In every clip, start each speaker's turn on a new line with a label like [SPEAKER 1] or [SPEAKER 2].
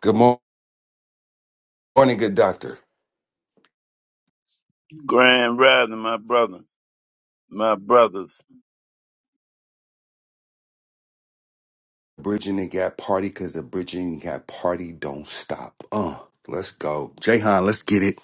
[SPEAKER 1] Good mor- morning, good doctor.
[SPEAKER 2] Grand Rising, my brother, my brothers.
[SPEAKER 1] Bridging the gap party because the bridging the gap party don't stop. Uh, let's go. Jahan, let's get it.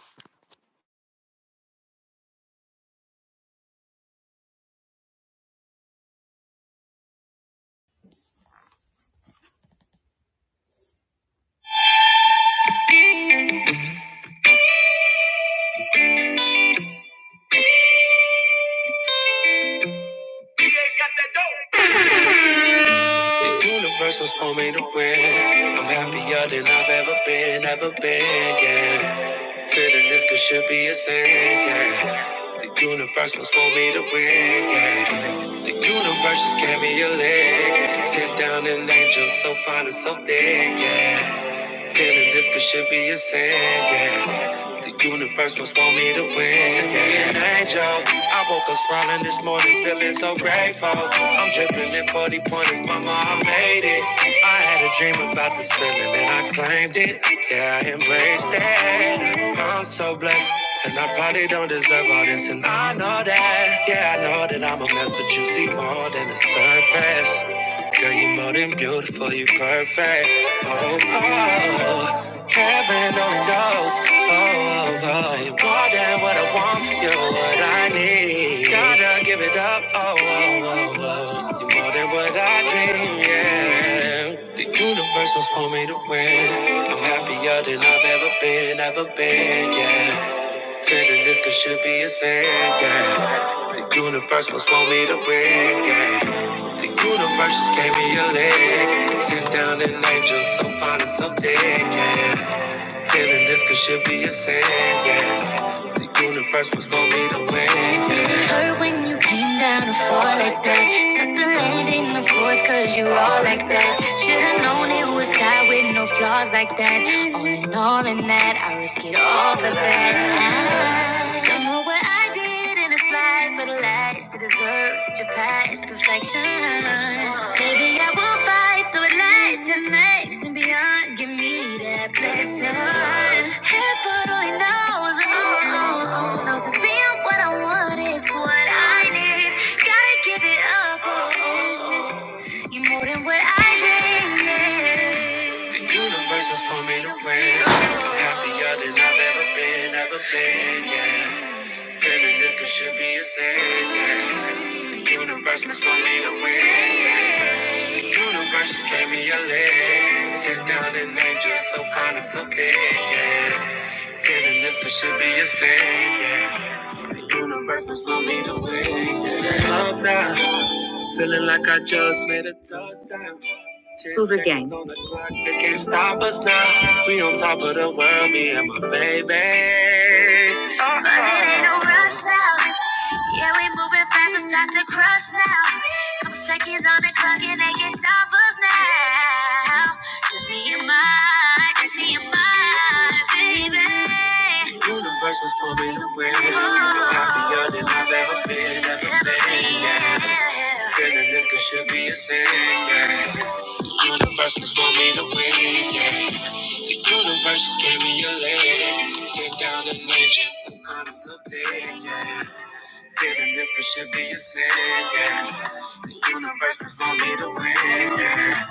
[SPEAKER 3] The universe was for me to win. I'm happier than I've ever been, ever been, yeah. Feeling this could should be a sin, yeah. The universe was for me to win, yeah. The universe just gave me a leg. Sit down an angel so fine and so thick, yeah. Feeling this could should be a sin, yeah. The universe must want me to win. Send me an angel. I woke up smiling this morning, feeling so grateful. I'm dripping in 40 pointers, mama, I made it. I had a dream about this feeling and I claimed it. Yeah, I embraced it. I'm so blessed. And I probably don't deserve all this, and I know that. Yeah, I know that I'm a mess, but you see more than the surface. Girl, you are more than beautiful, you are perfect. Oh, oh, oh. heaven only knows. Oh, oh, oh, you're more than what I want, you're what I need. Gotta give it up. Oh, oh, oh, oh, you're more than what I dream. Yeah, the universe was for me to win. I'm happier than I've ever been, ever been. Yeah. Feeling this could should be a sin, yeah. The universe must want me to win, yeah. The universe just gave me a leg. Sit down and angel, so fine and so thick, yeah. Feeling this could should be a sin, yeah. The universe was for me to win, yeah. it hurt when you came down to fall like that? Suck the landing, of course, cause you all like that. Should've known it was God with no flaws like that. All in all, in that, I risk it all for that. I don't know what I I did in this life for the last to deserve such a past perfection. Maybe I will fight so it lasts and makes and beyond. Give me that blessing. Heaven only knows, oh, oh, oh, oh. knows it's being what I want is what I need. Gotta give it up, oh, oh, oh. you are more than what I dreamed. yeah. The universe was for me to win. I'm happier than I've ever been, ever been, yeah. Feeling this one should be a sin. yeah. The universe must want me to win. yeah. The universe just gave me a leg. Sit down an angel, so fine and so big. Yeah. Feeling this one should be a sin. yeah. The universe must want me to win. Yeah. Love now, feeling like I just made a touchdown. Cougar Gang. On can't stop us now. We on top of the world, me and my baby. Uh-uh. But it ain't no rush now. Yeah, we moving fast, it's not to crush now. Couple seconds on the clock and they can't stop us now now. Just me and my, just me and my baby. The universe was for me to win. I'm happier than I've ever been, ever been. Yeah. Feeling this it should be a sin. Yeah. The universe was for me to win. Yeah. The universe just gave me a leg. Sit down and make some honest opinion. Yeah. Feeling this could should be a sin, yeah. The universe must want me to win, yeah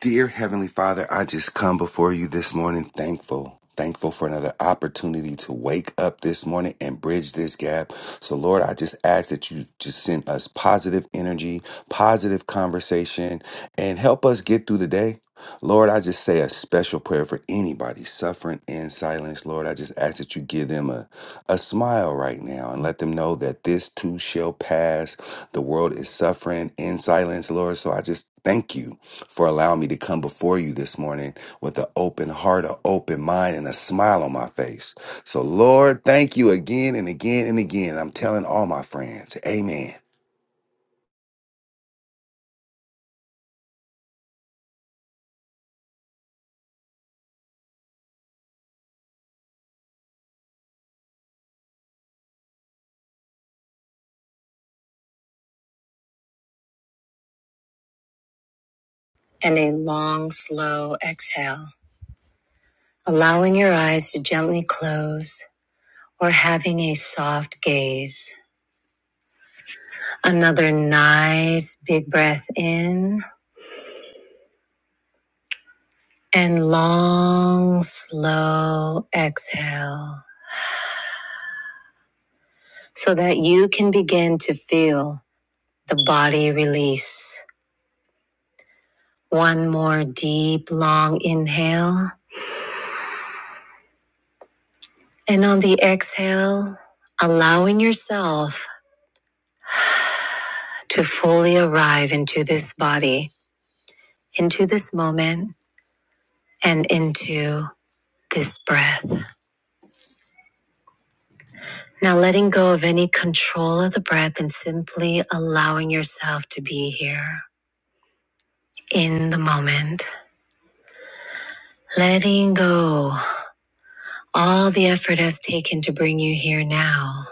[SPEAKER 1] Dear Heavenly Father, I just come before you this morning thankful. Thankful for another opportunity to wake up this morning and bridge this gap. So, Lord, I just ask that you just send us positive energy, positive conversation, and help us get through the day. Lord, I just say a special prayer for anybody suffering in silence. Lord, I just ask that you give them a, a smile right now and let them know that this too shall pass. The world is suffering in silence, Lord. So I just thank you for allowing me to come before you this morning with an open heart, an open mind, and a smile on my face. So, Lord, thank you again and again and again. I'm telling all my friends, Amen.
[SPEAKER 3] and a long, slow exhale, allowing your eyes to gently close or having a soft gaze. Another nice big breath in and long, slow exhale so that you can begin to feel the body release. One more deep, long inhale. And on the exhale, allowing yourself to fully arrive into this body, into this moment, and into this breath. Now, letting go of any control of the breath and simply allowing yourself to be here in the moment. Letting go all the effort has taken to bring you here now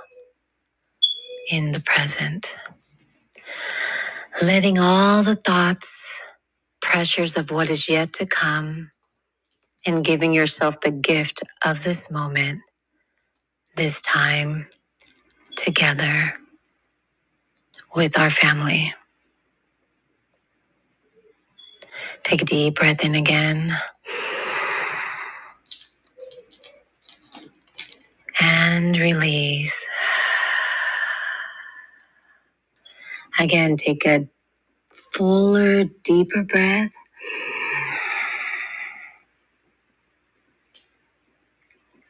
[SPEAKER 3] in the present. Letting all the thoughts, pressures of what is yet to come, and giving yourself the gift of this moment, this time together. with our family. Take a deep breath in again and release. Again, take a fuller, deeper breath.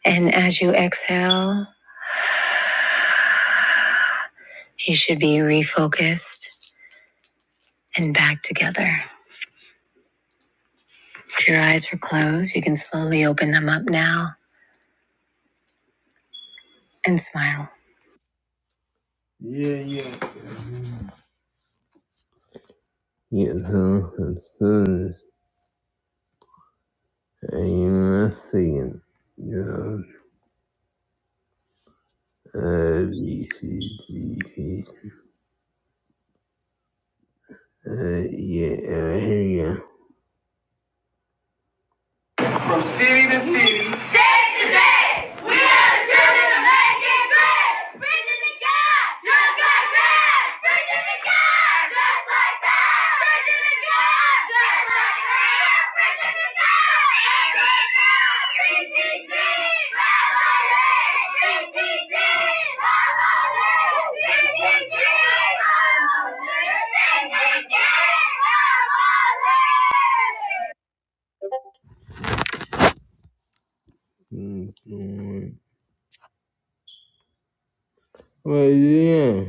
[SPEAKER 3] And as you exhale, you should be refocused and back together. If your eyes were closed, you can slowly open them up now and smile. Yeah, yeah. Yourself and sons, and you must sing. John, A, B, C, D, E, F, G, H, I, J, K, L, M, N, O, P, Q, R, S, T, U, V, W, X, Y, Z. City to city. State to state. We are the children of making great. Virginia God, just like that. Virginia God, just like that. Virginia God, just like that. Virginia God. PTG, family. PTG, family. PTG, family. PTG, family. Mm, Lord. Well, yeah.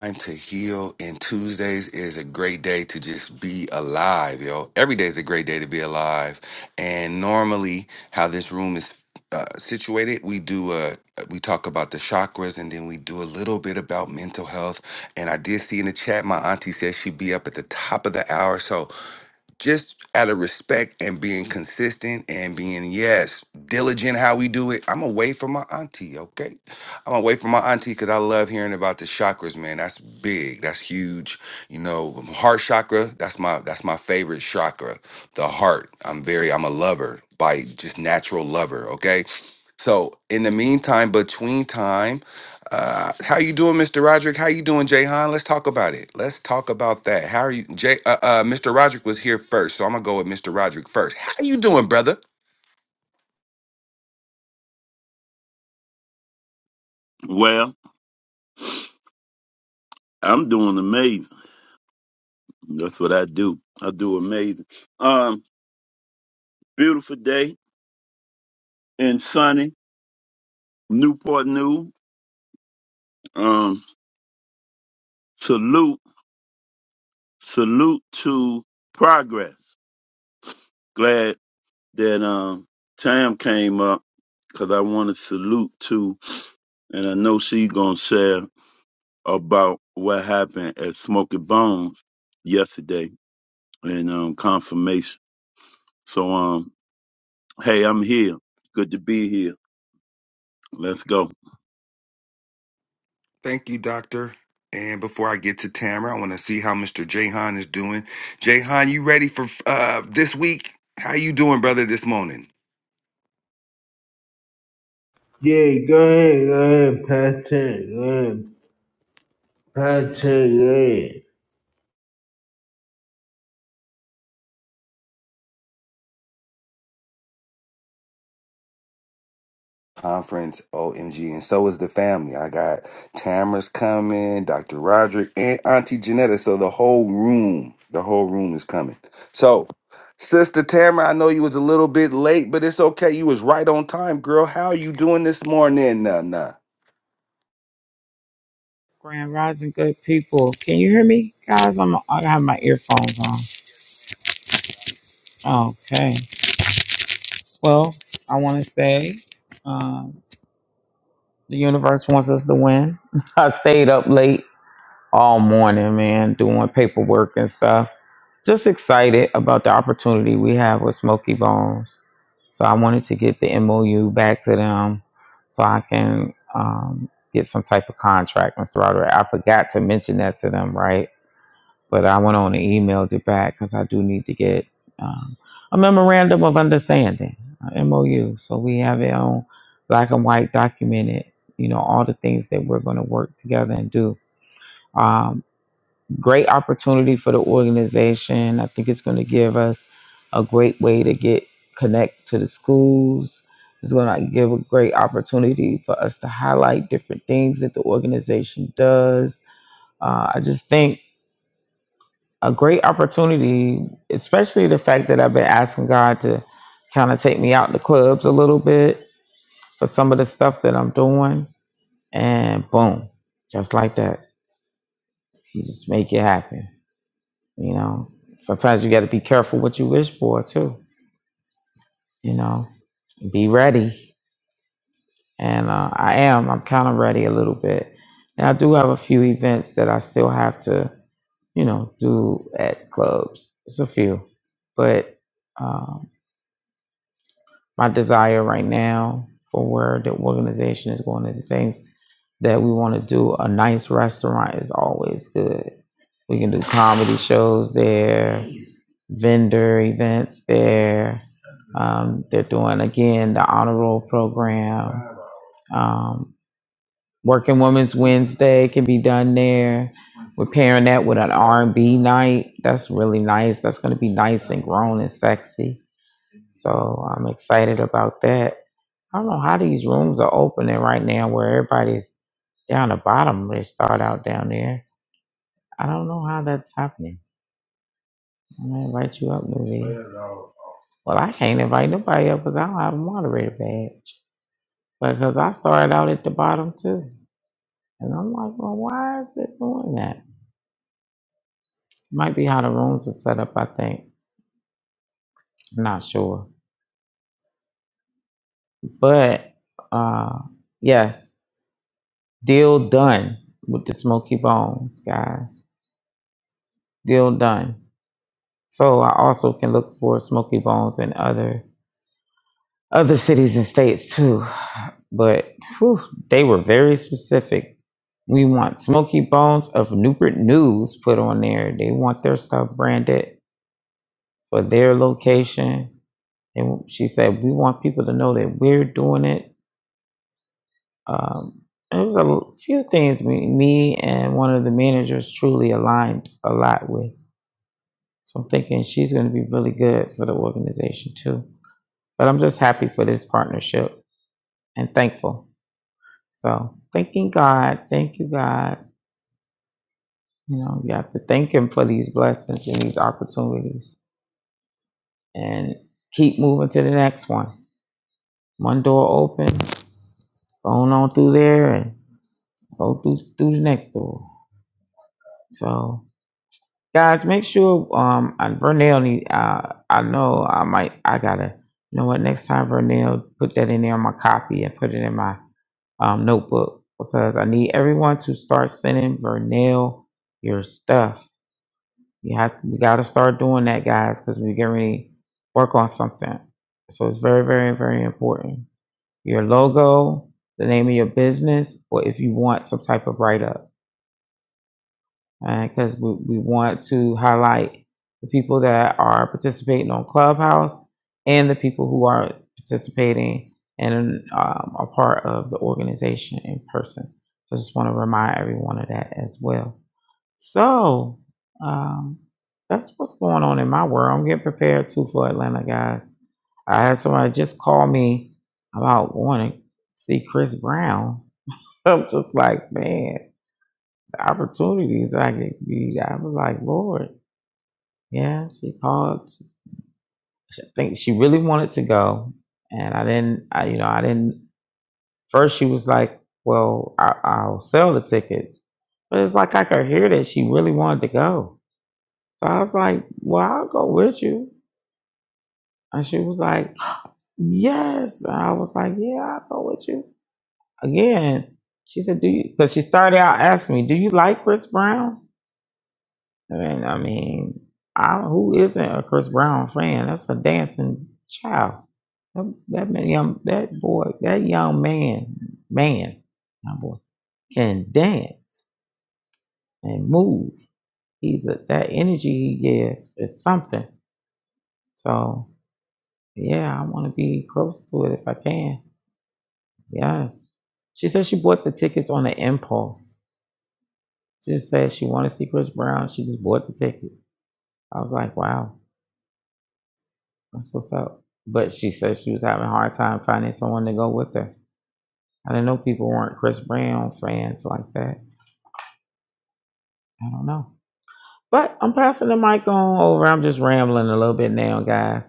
[SPEAKER 1] Time to heal, and Tuesdays is a great day to just be alive, yo. Every day is a great day to be alive. And normally, how this room is uh, situated, we do a we talk about the chakras, and then we do a little bit about mental health. And I did see in the chat, my auntie said she'd be up at the top of the hour, so just out of respect and being consistent and being yes diligent how we do it i'm away from my auntie okay i'm away from my auntie because i love hearing about the chakras man that's big that's huge you know heart chakra that's my that's my favorite chakra the heart i'm very i'm a lover by just natural lover okay so in the meantime between time uh, how you doing, Mr. Roderick? How you doing, Jayhan? Let's talk about it. Let's talk about that. How are you, Jay? Uh, uh, Mr. Roderick was here first, so I'm gonna go with Mr. Roderick first. How you doing, brother?
[SPEAKER 2] Well, I'm doing amazing. That's what I do. I do amazing. Um, beautiful day and sunny, Newport News. Um, salute, salute to progress. Glad that um Tam came up because I want to salute to, and I know she gonna share about what happened at Smoky Bones yesterday and um confirmation. So um. Hey, I'm here. Good to be here. Let's go.
[SPEAKER 1] Thank you, Doctor. And before I get to Tamara, I want to see how Mr. Jayhan is doing. Jayhan, you ready for uh, this week? How you doing, brother, this morning?
[SPEAKER 3] Yeah, go ahead, go ahead, Patrick, go ahead, Patrick, yeah.
[SPEAKER 1] conference. OMG. And so is the family. I got Tamara's coming, Dr. Roderick, and Auntie Janetta. So the whole room, the whole room is coming. So, Sister Tamara, I know you was a little bit late, but it's okay. You was right on time, girl. How you doing this morning? Nah, nah.
[SPEAKER 4] Grand Rising, good people. Can you hear me, guys? I'm I have my earphones on. Okay. Well, I want to say, um, the universe wants us to win. I stayed up late all morning, man, doing paperwork and stuff. Just excited about the opportunity we have with Smoky Bones. So I wanted to get the MOU back to them so I can um, get some type of contract, Mr. Roderick. I forgot to mention that to them, right? but I went on and emailed it back because I do need to get um, a memorandum of understanding, a MOU, so we have it on black and white documented. You know all the things that we're going to work together and do. Um, great opportunity for the organization. I think it's going to give us a great way to get connect to the schools. It's going to give a great opportunity for us to highlight different things that the organization does. Uh, I just think a great opportunity, especially the fact that I've been asking God to kind of take me out the clubs a little bit for some of the stuff that I'm doing. And boom, just like that, He just make it happen. You know, sometimes you got to be careful what you wish for too. You know, be ready. And uh, I am. I'm kind of ready a little bit. And I do have a few events that I still have to, you know, do at clubs. It's a few, but. uh, my desire right now for where the organization is going and the things that we want to do. A nice restaurant is always good. We can do comedy shows there, vendor events there. Um, they're doing again the honor roll program. Um, Working Women's Wednesday can be done there. We're pairing that with an R and B night. That's really nice. That's going to be nice and grown and sexy. So I'm excited about that I don't know how these rooms are opening right now where everybody's down the bottom. They start out down there. I don't know how that's happening. I'm gonna invite you up, Nuveen. Well, I can't invite nobody up because I don't have a moderator badge. But because I started out at the bottom too. And I'm like, well, why is it doing that? Might be how the rooms are set up, I think. I'm not sure. But uh yes, deal done with the smoky bones, guys. Deal done. So I also can look for Smoky Bones in other other cities and states too. But whew, they were very specific. We want Smoky Bones of Newport News put on there. They want their stuff branded for their location. And she said we want people to know that we're doing it. Um, and there's a l- few things me, me and one of the managers truly aligned a lot with. So I'm thinking she's going to be really good for the organization too. But I'm just happy for this partnership and thankful. So thanking God, thank you, God. You know, you have to thank Him for these blessings and these opportunities and keep moving to the next one. One door open, going on through there and go through through the next door. So guys, make sure um and Vernell need uh I know I might I gotta you know what next time Vernell put that in there on my copy and put it in my um, notebook because I need everyone to start sending Vernell your stuff. You have we got to start doing that, guys, because we're getting ready to work on something. So it's very, very, very important. Your logo, the name of your business, or if you want some type of write up because uh, we, we want to highlight the people that are participating on Clubhouse and the people who are participating and um, are part of the organization in person. So I just want to remind everyone of that as well. So um, that's what's going on in my world. I'm getting prepared too for Atlanta, guys. I had somebody just call me about wanting to see Chris Brown. I'm just like, man the opportunities I could be. I was like, Lord, yeah, she called. I think she really wanted to go, and I didn't. I, you know, I didn't. First, she was like, "Well, I, I'll sell the tickets," but it's like I could hear that she really wanted to go. So I was like, "Well, I'll go with you," and she was like, "Yes." And I was like, "Yeah, I'll go with you." Again, she said, "Do you?" Because she started out asking me, "Do you like Chris Brown?" And I mean, I, who isn't a Chris Brown fan? That's a dancing child. That, that young, that boy, that young man, man, my boy, can dance and move. He's a, that energy he gives is something. So yeah, I want to be close to it if I can. Yes. She said she bought the tickets on an impulse. She just said she wanted to see Chris Brown. She just bought the tickets. I was like, wow. That's what's up. But she said she was having a hard time finding someone to go with her. I didn't know people weren't Chris Brown fans like that. I don't know. But I'm passing the mic on over. I'm just rambling a little bit now, guys,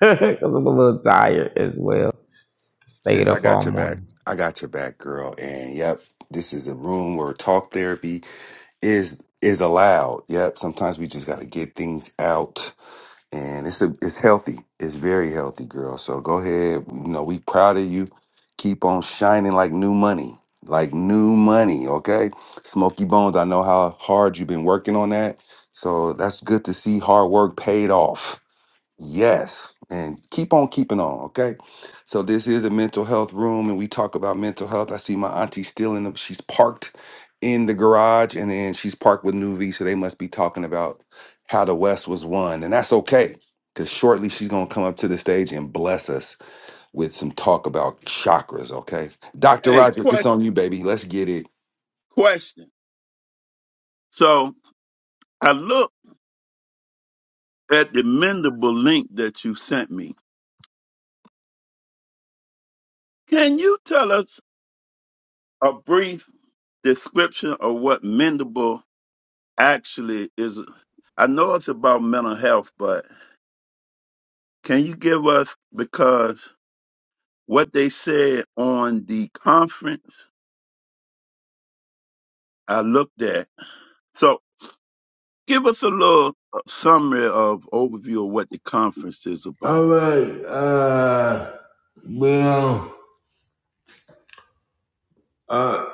[SPEAKER 4] because I'm a little tired as well. Stayed
[SPEAKER 1] Sis, I
[SPEAKER 4] up all
[SPEAKER 1] got your back.
[SPEAKER 4] morning.
[SPEAKER 1] I got your back, girl. And yep, this is a room where talk therapy is is allowed. Yep. Sometimes we just gotta get things out and it's a, it's healthy. It's very healthy, girl. So go ahead. You know, we proud of you. Keep on shining like new money, like new money. Okay, Smoky Bones. I know how hard you've been working on that. So that's good to see hard work paid off. Yes, and keep on keeping on, okay? So this is a mental health room and we talk about mental health. I see my auntie still in the she's parked in the garage and then she's parked with New V, so they must be talking about how the West was won. And that's okay. Cause shortly she's gonna come up to the stage and bless us with some talk about chakras, okay? Dr.
[SPEAKER 2] Hey,
[SPEAKER 1] Roderick,
[SPEAKER 2] que-
[SPEAKER 1] it's on you, baby. Let's get it.
[SPEAKER 2] question. So I looked at the mendable link that you sent me. Can you tell us a brief description of what mendable actually is? I know it's about mental health, but can you give us because what they said on the conference I looked at. So give us a little uh, summary of overview of what the conference is about.
[SPEAKER 3] Alright, uh, well, uh,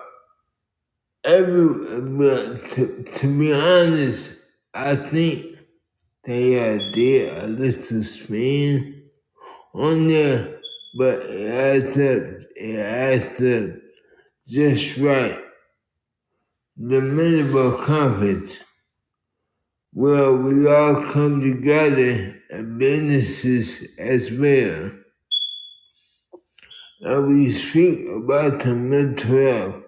[SPEAKER 3] every, well, to, to be honest, I think they uh, did a little spin on there, but it adds up, it adds up just right. The minimal conference. Well, we all come together at businesses as well. And we speak about the mental health.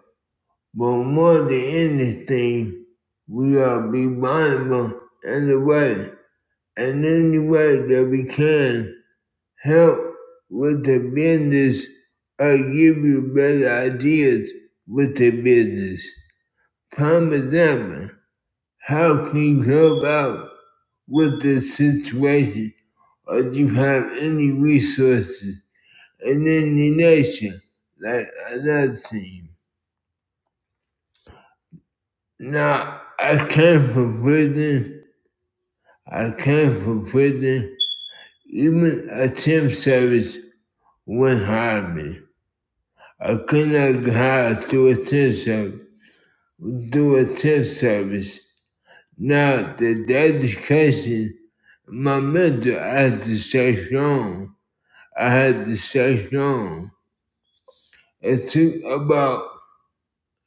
[SPEAKER 3] But more than anything, we are be mindful in the way, and any way that we can help with the business or give you better ideas with the business. For example, how can you help out with the situation or do you have any resources in any nation like another team. Now I came from prison, I came from prison, even a temp service wouldn't hire me. I could not get hired through a temp service through a temp service. Now the the education my mental I had to stay strong. I had to stay strong. It took about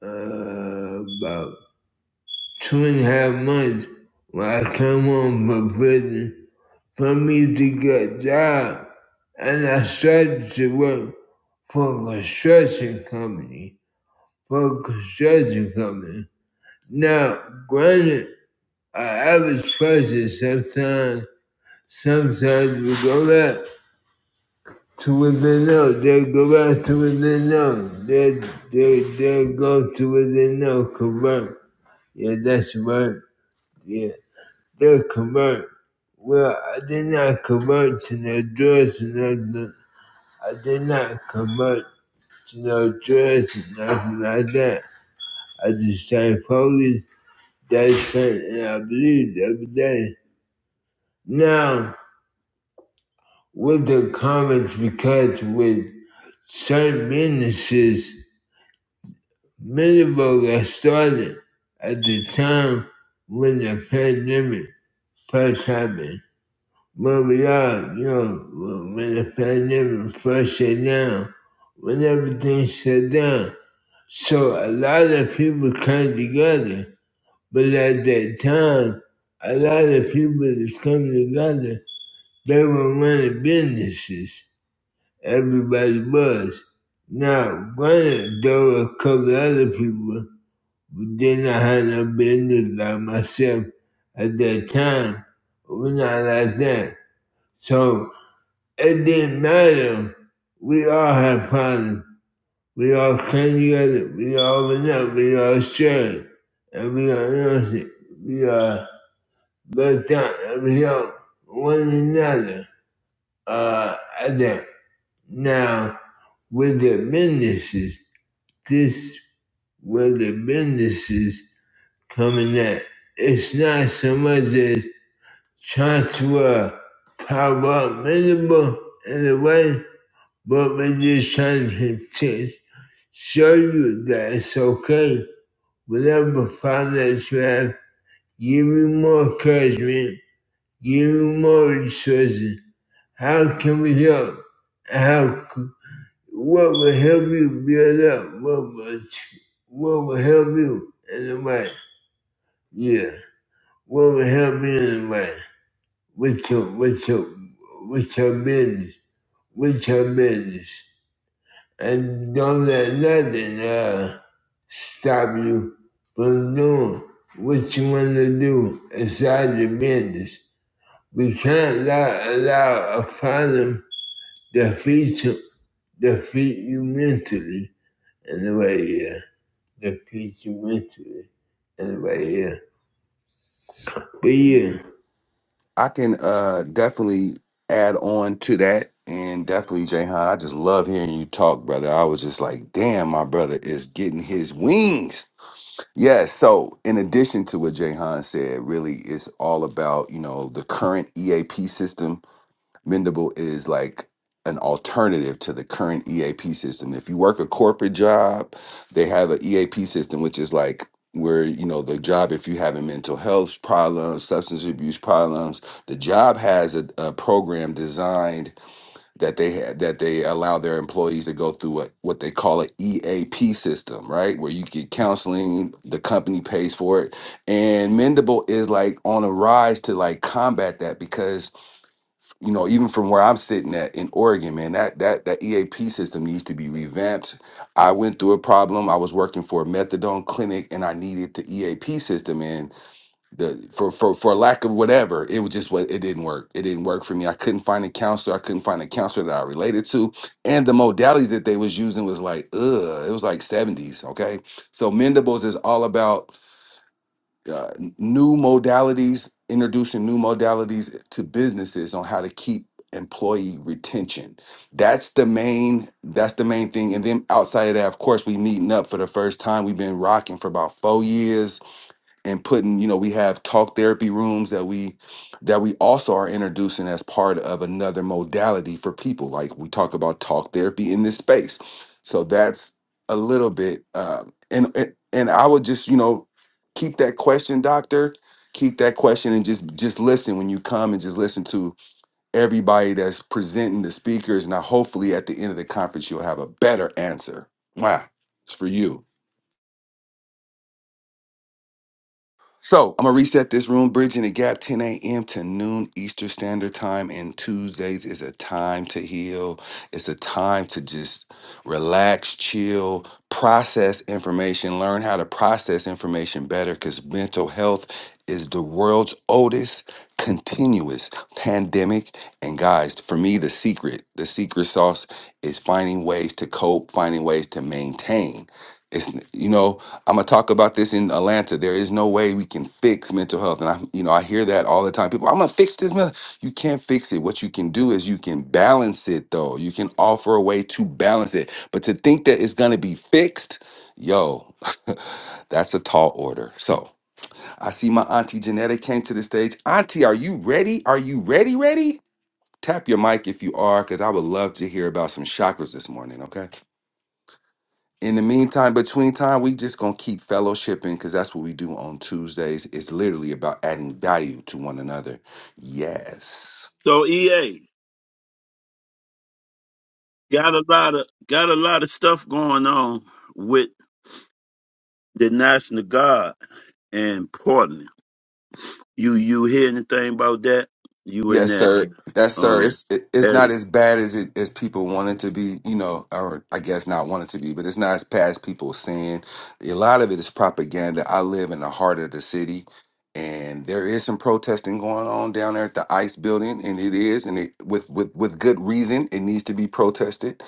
[SPEAKER 3] uh, about two and a half months when I came home from prison for me to get a job, and I started to work for a construction company. For a construction company. Now, granted, our average person sometimes sometimes we go back to what they know. They go back to what they know. They they they go to what they know. Correct. Yeah, that's right. Yeah, they'll convert. Well, I did not convert to no drugs and nothing. I did not convert to no drugs and nothing like that. I just started focused. That's it, and I believed every day. Now, with the comments, because with certain businesses, many of us got started at the time when the pandemic first happened But we are, you know, when the pandemic first shut down, when everything shut down, so a lot of people come together. But at that time, a lot of people that come together, they were running businesses. Everybody was. Now, granted, there were a couple other people who did not have no business like myself at that time. We're not like that. So It didn't matter. We all had problems. We all came together. We all went up. We all shared. And we all lost it. We all looked out and we helped one another. Uh, at that. Now, with the businesses, this with the businesses coming at. It's not so much as trying to uh, power up miserable in a way, But when your son can teach, show you that it's okay. Whatever problems you have, give me more encouragement, give me more resources. How can we help? How? What will help you build up? What will what will help you in the way? Yeah. What will help you in the way? With your with your with your business, with your business. and don't let nothing uh, stop you from doing what you want to do inside your business. We can't allow, allow a problem to defeat you, defeat you mentally in the way here. Yeah. Defeat you mentally in the way here. Yeah. But yeah.
[SPEAKER 1] I can uh definitely add on to that and definitely Jayhan, I just love hearing you talk, brother. I was just like, damn, my brother is getting his wings. Yes, so in addition to what Jayhan said, really it's all about, you know, the current EAP system Mendable is like an alternative to the current EAP system. If you work a corporate job, they have an EAP system, which is like where you know the job if you having mental health problems substance abuse problems the job has a, a program designed that they ha- that they allow their employees to go through a, what they call an eap system right where you get counseling the company pays for it and mendable is like on a rise to like combat that because you know, even from where I'm sitting at in Oregon, man, that that that EAP system needs to be revamped. I went through a problem. I was working for a methadone clinic, and I needed the EAP system, and the for for for lack of whatever, it was just what it didn't work. It didn't work for me. I couldn't find a counselor. I couldn't find a counselor that I related to, and the modalities that they was using was like, ugh, it was like 70s. Okay, so Mendables is all about uh, new modalities, introducing new modalities to businesses on how to keep employee retention. That's the main. That's the main thing. And then outside of that, of course, we meeting up for the first time. We've been rocking for about four years and putting you know we have talk therapy rooms that we that we also are introducing as part of another modality for people like we talk about talk therapy in this space so that's a little bit um and and and i would just you know keep that question doctor keep that question and just just listen when you come and just listen to everybody that's presenting the speakers now hopefully at the end of the conference you'll have a better answer wow it's for you So I'm gonna reset this room, bridging the gap, 10 a.m. to noon Eastern Standard Time. And Tuesdays is a time to heal. It's a time to just relax, chill, process information, learn how to process information better. Because mental health is the world's oldest continuous pandemic. And guys, for me, the secret, the secret sauce is finding ways to cope, finding ways to maintain. It's you know I'm gonna talk about this in Atlanta. There is no way we can fix mental health, and I, you know, I hear that all the time. People, I'm gonna fix this. men-" You can't fix it. What you can do is you can balance it, though. You can offer a way to balance it. But to think that it's gonna be fixed, yo, that's a tall order. So I see my auntie Janetta came to the stage. Auntie, are you ready? Are you ready? Ready? Tap your mic if you are, because I would love to hear about some chakras this morning. Okay in the meantime, between time, we just gonna keep fellowshipping because that's what we do on Tuesdays. It's literally about adding value to one another. Yes.
[SPEAKER 2] So EA, got a lot of got a lot of stuff going on with the National Guard and Portland. You you hear anything about that? You in
[SPEAKER 1] Yes,
[SPEAKER 2] that
[SPEAKER 1] sir. Yes, sir.
[SPEAKER 2] um
[SPEAKER 1] It's it, it's not
[SPEAKER 2] area?
[SPEAKER 1] as bad as it as people want it to be, you know, or I guess not want it to be, but it's not as bad as people saying. A lot of it is propaganda. I live in the heart of the city, and there is some protesting going on down there at the ICE building, and it is, and it with with with good reason, it needs to be protested.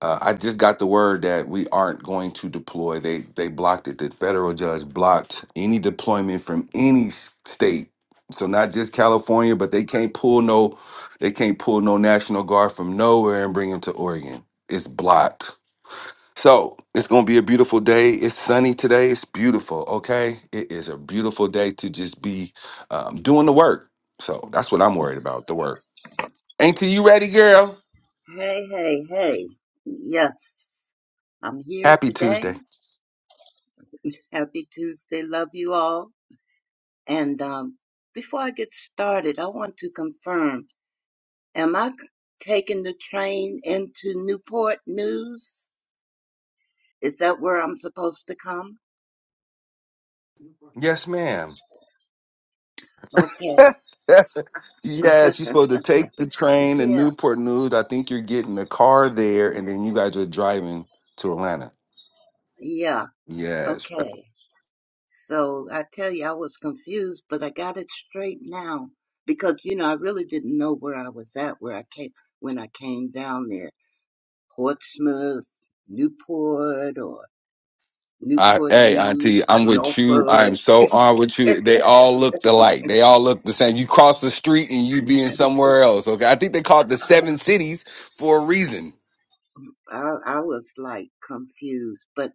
[SPEAKER 1] Uh, I just got the word that we aren't going to deploy. They they blocked it. The federal judge blocked any deployment from any s- state so not just California, but they can't pull no, they can't pull no National Guard from nowhere and bring them to Oregon. It's blocked. So it's gonna be a beautiful day. It's sunny today. It's beautiful. Okay, it is a beautiful day to just be um, doing the work. So that's what I'm worried about. The work. Ain't you ready, girl?
[SPEAKER 5] Hey, hey, hey. Yes, I'm here
[SPEAKER 1] Happy
[SPEAKER 5] today.
[SPEAKER 1] Tuesday.
[SPEAKER 5] Happy Tuesday. Love you all. And um, before I get started, I want to confirm am I c- taking the train into Newport News? Is that where I'm supposed to come?
[SPEAKER 1] Yes, ma'am.
[SPEAKER 5] Okay.
[SPEAKER 1] Yes, yes, you're supposed to take the train in
[SPEAKER 5] Yeah,
[SPEAKER 1] Newport News. I think you're getting the car there, and then you guys are driving to Atlanta.
[SPEAKER 5] yeah.
[SPEAKER 1] Yes.
[SPEAKER 5] Okay. So I tell you, I was confused, but I got it straight now because, you know, I really didn't know where I was at where I came when I came down there. Portsmouth, Newport, or
[SPEAKER 1] I,
[SPEAKER 5] Newport
[SPEAKER 1] hey, Auntie,
[SPEAKER 5] News,
[SPEAKER 1] I'm with you. I am
[SPEAKER 5] Norfolk.
[SPEAKER 1] so on with you. They all looked alike. They all look the same. You cross the street and you be in somewhere else. Okay. I think they call it the
[SPEAKER 5] I,
[SPEAKER 1] seven cities for a reason.
[SPEAKER 5] I I was like confused, but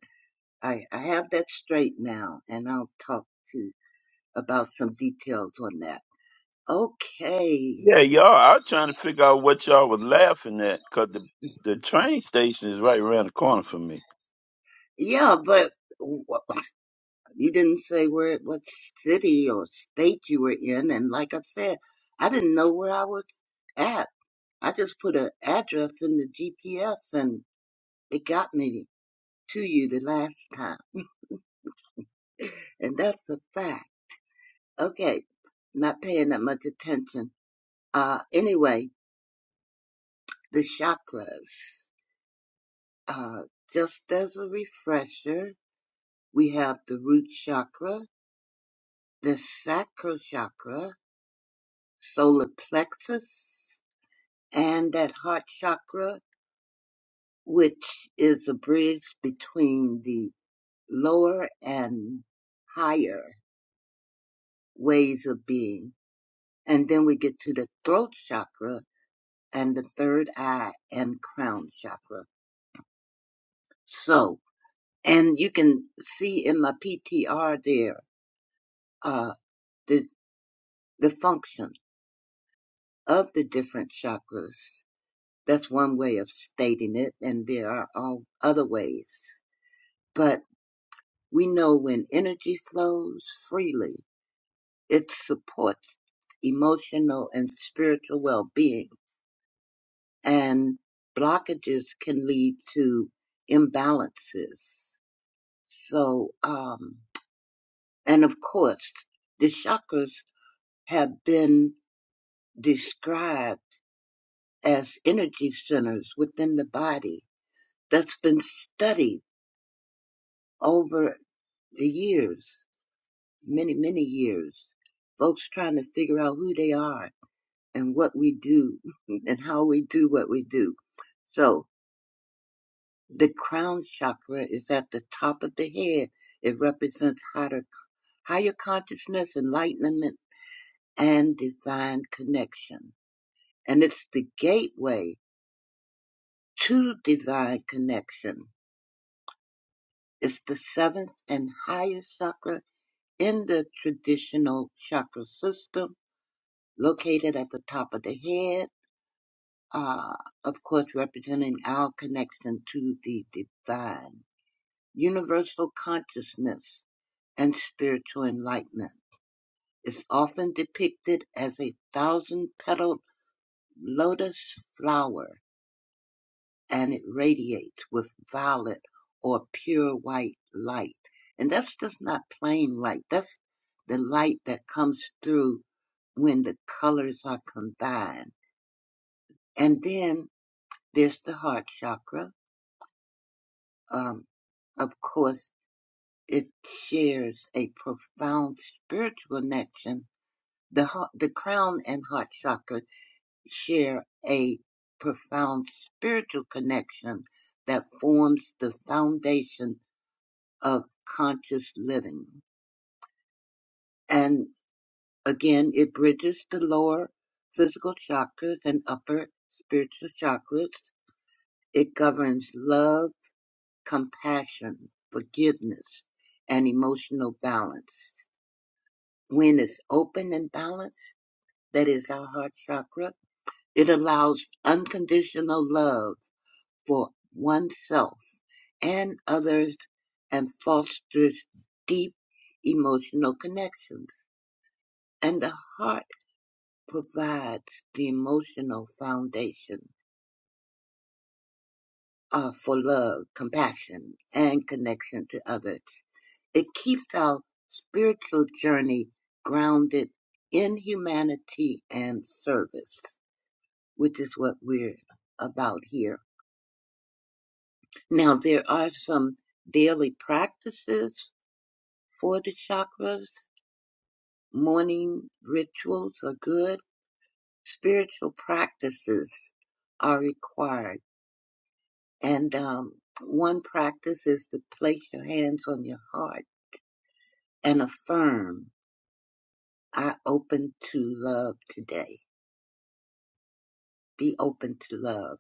[SPEAKER 5] I, I have that straight now, and I'll talk to about some details on that. Okay.
[SPEAKER 2] Yeah, y'all. I was trying to figure out what y'all was laughing at because the the train station is right around the corner for me.
[SPEAKER 5] Yeah, but w- you didn't say where, what city or state you were in, and like I said, I didn't know where I was at. I just put an address in the GPS, and it got me to you the last time. and that's a fact. Okay, not paying that much attention. Uh, anyway, the chakras. Uh, just as a refresher, we have the root chakra, the sacral chakra, solar plexus, and that heart chakra, which is a bridge between the lower and higher ways of being. And then we get to the throat chakra, and the third eye and crown chakra. So, and you can see in my PTR there, uh, the, the function of the different chakras. That's one way of stating it, and there are all other ways. But we know when energy flows freely, it supports emotional and spiritual well-being, and blockages can lead to imbalances. So, um, And of course, the chakras have been described as energy centers within the body. That's been studied over the years, many, many years. Folks trying to figure out who they are and what we do and how we do what we do. So the crown chakra is at the top of the head. It represents higher, higher consciousness, enlightenment, and divine connection. and it's the gateway to divine connection. It's the seventh and highest chakra in the traditional chakra system, located at the top of the head, uh, of course, representing our connection to the divine, universal consciousness, and spiritual enlightenment. It's often depicted as a thousand petaled lotus flower and it radiates with violet or pure white light. And that's just not plain light. That's the light that comes through when the colors are combined. And then there's the heart chakra. Um, of course, it shares a profound spiritual connection. The heart, the crown and heart chakra share a profound spiritual connection that forms the foundation of conscious living. And again, it bridges the lower physical chakras and upper spiritual chakras. It governs love, compassion, forgiveness, and emotional balance. When it's open and balanced, that is our heart chakra, it allows unconditional love for oneself and others and fosters deep emotional connections. And the heart provides the emotional foundation uh, for love, compassion, and connection to others. It keeps our spiritual journey grounded in humanity and service, which is what we're about here. Now, there are some daily practices for the chakras. Morning rituals are good. Spiritual practices are required And um, one practice is to place your hands on your heart and affirm, I open to love today. Be open to love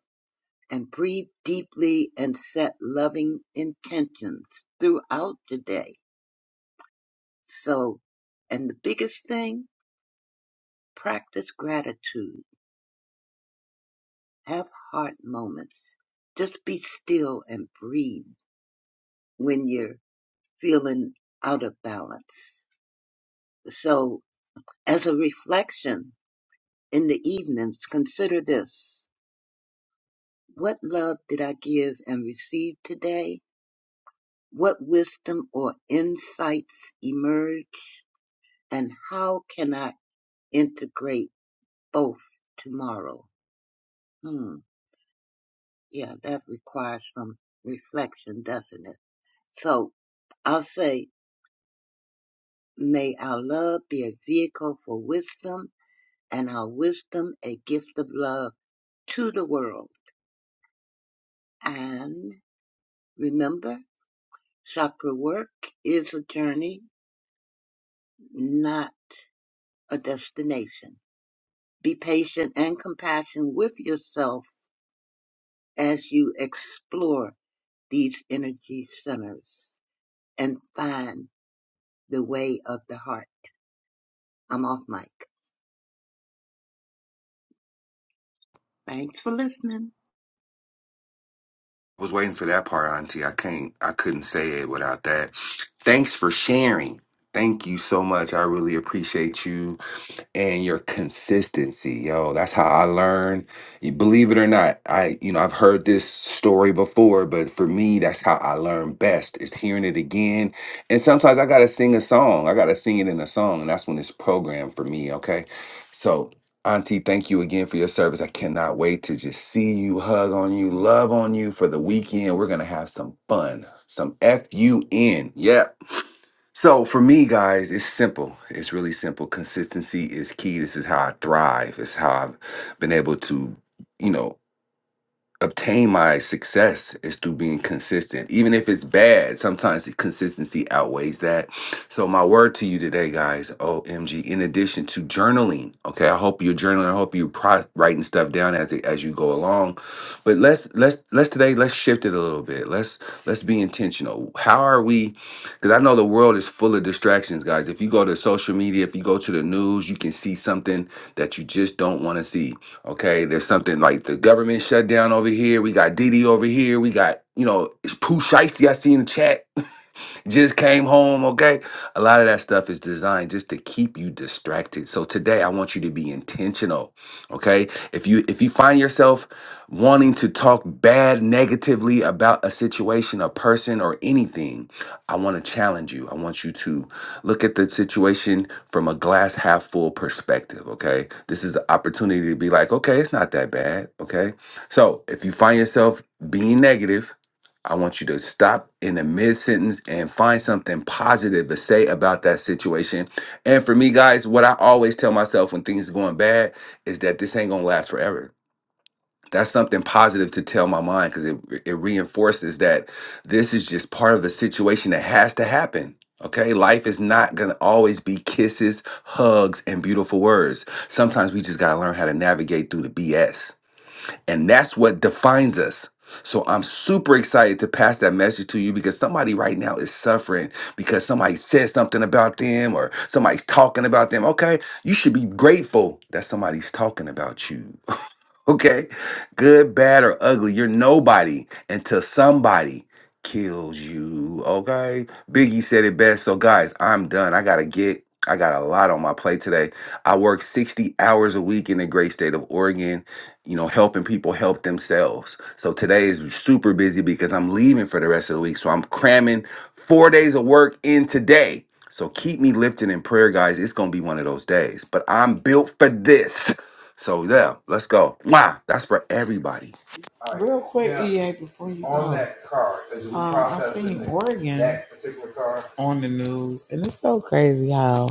[SPEAKER 5] and breathe deeply and set loving intentions throughout the day. So, and the biggest thing, practice gratitude. Have heart moments. Just be still and breathe when you're feeling out of balance. So, as a reflection, in the evenings, consider this. What love did I give and receive today? What wisdom or insights emerge? And how can I integrate both tomorrow? Hmm. Yeah, that requires some reflection, doesn't it? So I'll say, may our love be a vehicle for wisdom and our wisdom a gift of love to the world. And remember, Chakra work is a journey, not a destination. Be patient and compassionate with yourself as you explore these energy centers and find the way of the heart. I'm off mic. Thanks for listening.
[SPEAKER 1] was waiting for that part, Auntie. I can't. I couldn't say it without that. Thanks for sharing. Thank you so much. I really appreciate you and your consistency, yo. That's how I learn. You- Believe it or not, I you know I've heard this story before, but for me, that's how I learn best is hearing it again. And sometimes I gotta sing a song. I gotta sing it in a song, and that's when it's programmed for me. Okay, so. Auntie, thank you again for your service. I cannot wait to just see you, hug on you, love on you for the weekend. We're going to have some fun, some F U N. Yep. So for me, guys, it's simple. It's really simple. Consistency is key. This is how I thrive. It's how I've been able to, you know, obtain my success is through being consistent. Even if it's bad, sometimes the consistency outweighs that. So my word to you today, guys, OMG, in addition to journaling, okay, I hope you're journaling, I hope you're pro- writing stuff down as it, as you go along. But let's let's let's today let's shift it a little bit. Let's let's be intentional. How are we cuz I know the world is full of distractions, guys. If you go to social media, if you go to the news, you can see something that you just don't want to see Okay, there's something like the government shutdown over here. We got Didi over here. We got you know it's Pooh Shiesty I see in the chat just came home, okay? A lot of that stuff is designed just to keep you distracted. So today I want you to be intentional, okay? If you if you find yourself wanting to talk bad negatively about a situation, a person or anything, I want to challenge you. I want you to look at the situation from a glass half full perspective, okay? This is the opportunity to be like, okay, it's not that bad, okay? So, if you find yourself being negative I want you to stop in the mid sentence and find something positive to say about that situation. And for me, guys, what I always tell myself when things are going bad is that this ain't gonna last forever. That's something positive to tell my mind because it, it reinforces that this is just part of the situation that has to happen. Okay, life is not gonna always be kisses, hugs, and beautiful words. Sometimes we just gotta learn how to navigate through the BS. And that's what defines us. So I'm super excited to pass that message to you because somebody right now is suffering because somebody said something about them or somebody's talking about them. Okay, you should be grateful that somebody's talking about you Okay? Good, bad, or ugly. You're nobody until somebody kills you. Okay? Biggie said it best. So, guys, I'm done. I got to get. I got a lot on my plate today. I work 60 hours a week in the great state of Oregon, you know, helping people help themselves. So today is super busy because I'm leaving for the rest of the week. So I'm cramming four days of work in today. So keep me lifted in prayer, guys. It's going to be one of those days, but I'm built for this. So yeah, let's go. Mwah! That's for everybody.
[SPEAKER 4] All right. Real quick, Now, EA, before you on go. On that car, um, I have seen Oregon that particular car on the news, and it's so crazy how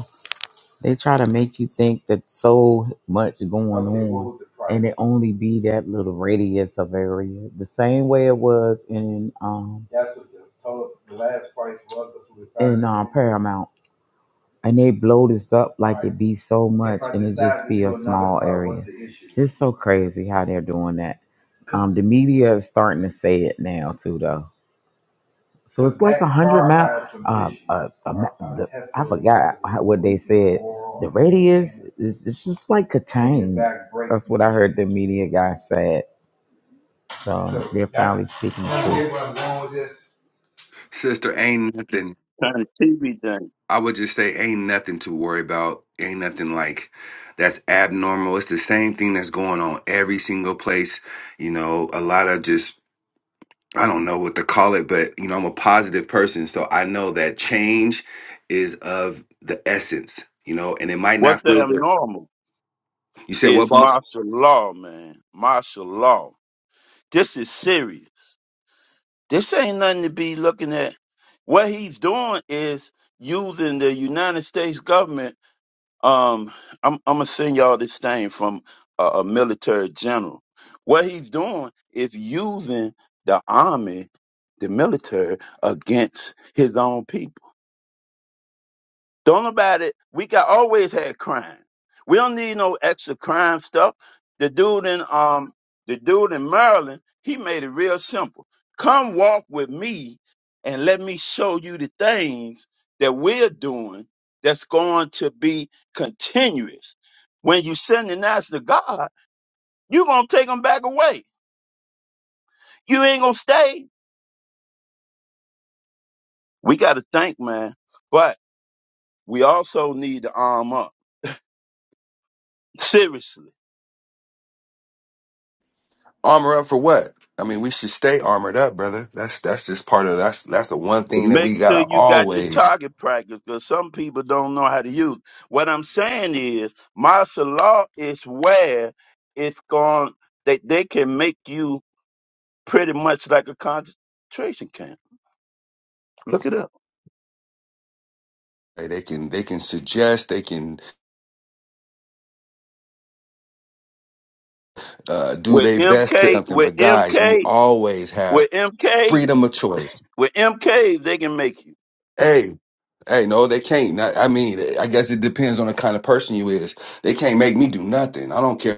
[SPEAKER 4] They try to make you think that so much going on, and it only be that little radius of area. The same way it was in um in uh, Paramount, and they blow this up like it be so much, and it just be a small area. It's so crazy how they're doing that. Um, the media is starting to say it now too, though. So it's like a hundred mile. Um, uh, a ma- the, I forgot how- what they said. The radius is it's just like contained. That's what I heard the media guy said. So they're finally speaking the truth.
[SPEAKER 1] Sister, ain't nothing.
[SPEAKER 2] Trying to TV thing.
[SPEAKER 1] I would just say, ain't nothing to worry about. Ain't nothing like that's abnormal. It's the same thing that's going on every single place. You know, a lot of just, I don't know what to call it, but, you know, I'm a positive person. So I know that change is of the essence, you know, and it might
[SPEAKER 2] What's
[SPEAKER 1] not
[SPEAKER 2] that
[SPEAKER 1] feel good.
[SPEAKER 2] abnormal?
[SPEAKER 1] You said, what,
[SPEAKER 2] It's
[SPEAKER 1] boss?
[SPEAKER 2] martial law, man. Martial law. This is serious. This ain't nothing to be looking at. What he's doing is using the United States government. Um, I'm, I'm gonna send y'all this thing from a, a military general. What he's doing is using the army, the military, against his own people. Don't about it. We got always had crime. We don't need no extra crime stuff. The dude in um the dude in Maryland, he made it real simple. Come walk with me and let me show you the things that we're doing that's going to be continuous. When you send the nights to God, you're gonna take them back away. You ain't gonna stay. We gotta think, man. But we also need to arm up. Seriously
[SPEAKER 1] Armor up for what? I mean, we should stay armored up, brother. That's that's just part of that's that's the one
[SPEAKER 2] Well,
[SPEAKER 1] thing that we
[SPEAKER 2] Make sure
[SPEAKER 1] gotta
[SPEAKER 2] you got your
[SPEAKER 1] always.
[SPEAKER 2] target practice because some people don't know how to use. it. What I'm saying is martial law is where it's going they they can make you pretty much like a concentration camp. Look it up.
[SPEAKER 1] Hey, They can they can suggest, they can uh, do
[SPEAKER 2] With
[SPEAKER 1] their best to
[SPEAKER 2] MK
[SPEAKER 1] something,
[SPEAKER 2] with
[SPEAKER 1] but guys, we
[SPEAKER 2] MK
[SPEAKER 1] always have
[SPEAKER 2] with MK
[SPEAKER 1] freedom of choice.
[SPEAKER 2] with MK they can make you.
[SPEAKER 1] Hey, hey, no, they can't. Not- I mean, I guess it depends on the kind of person you is. They can't make me do nothing. I don't care.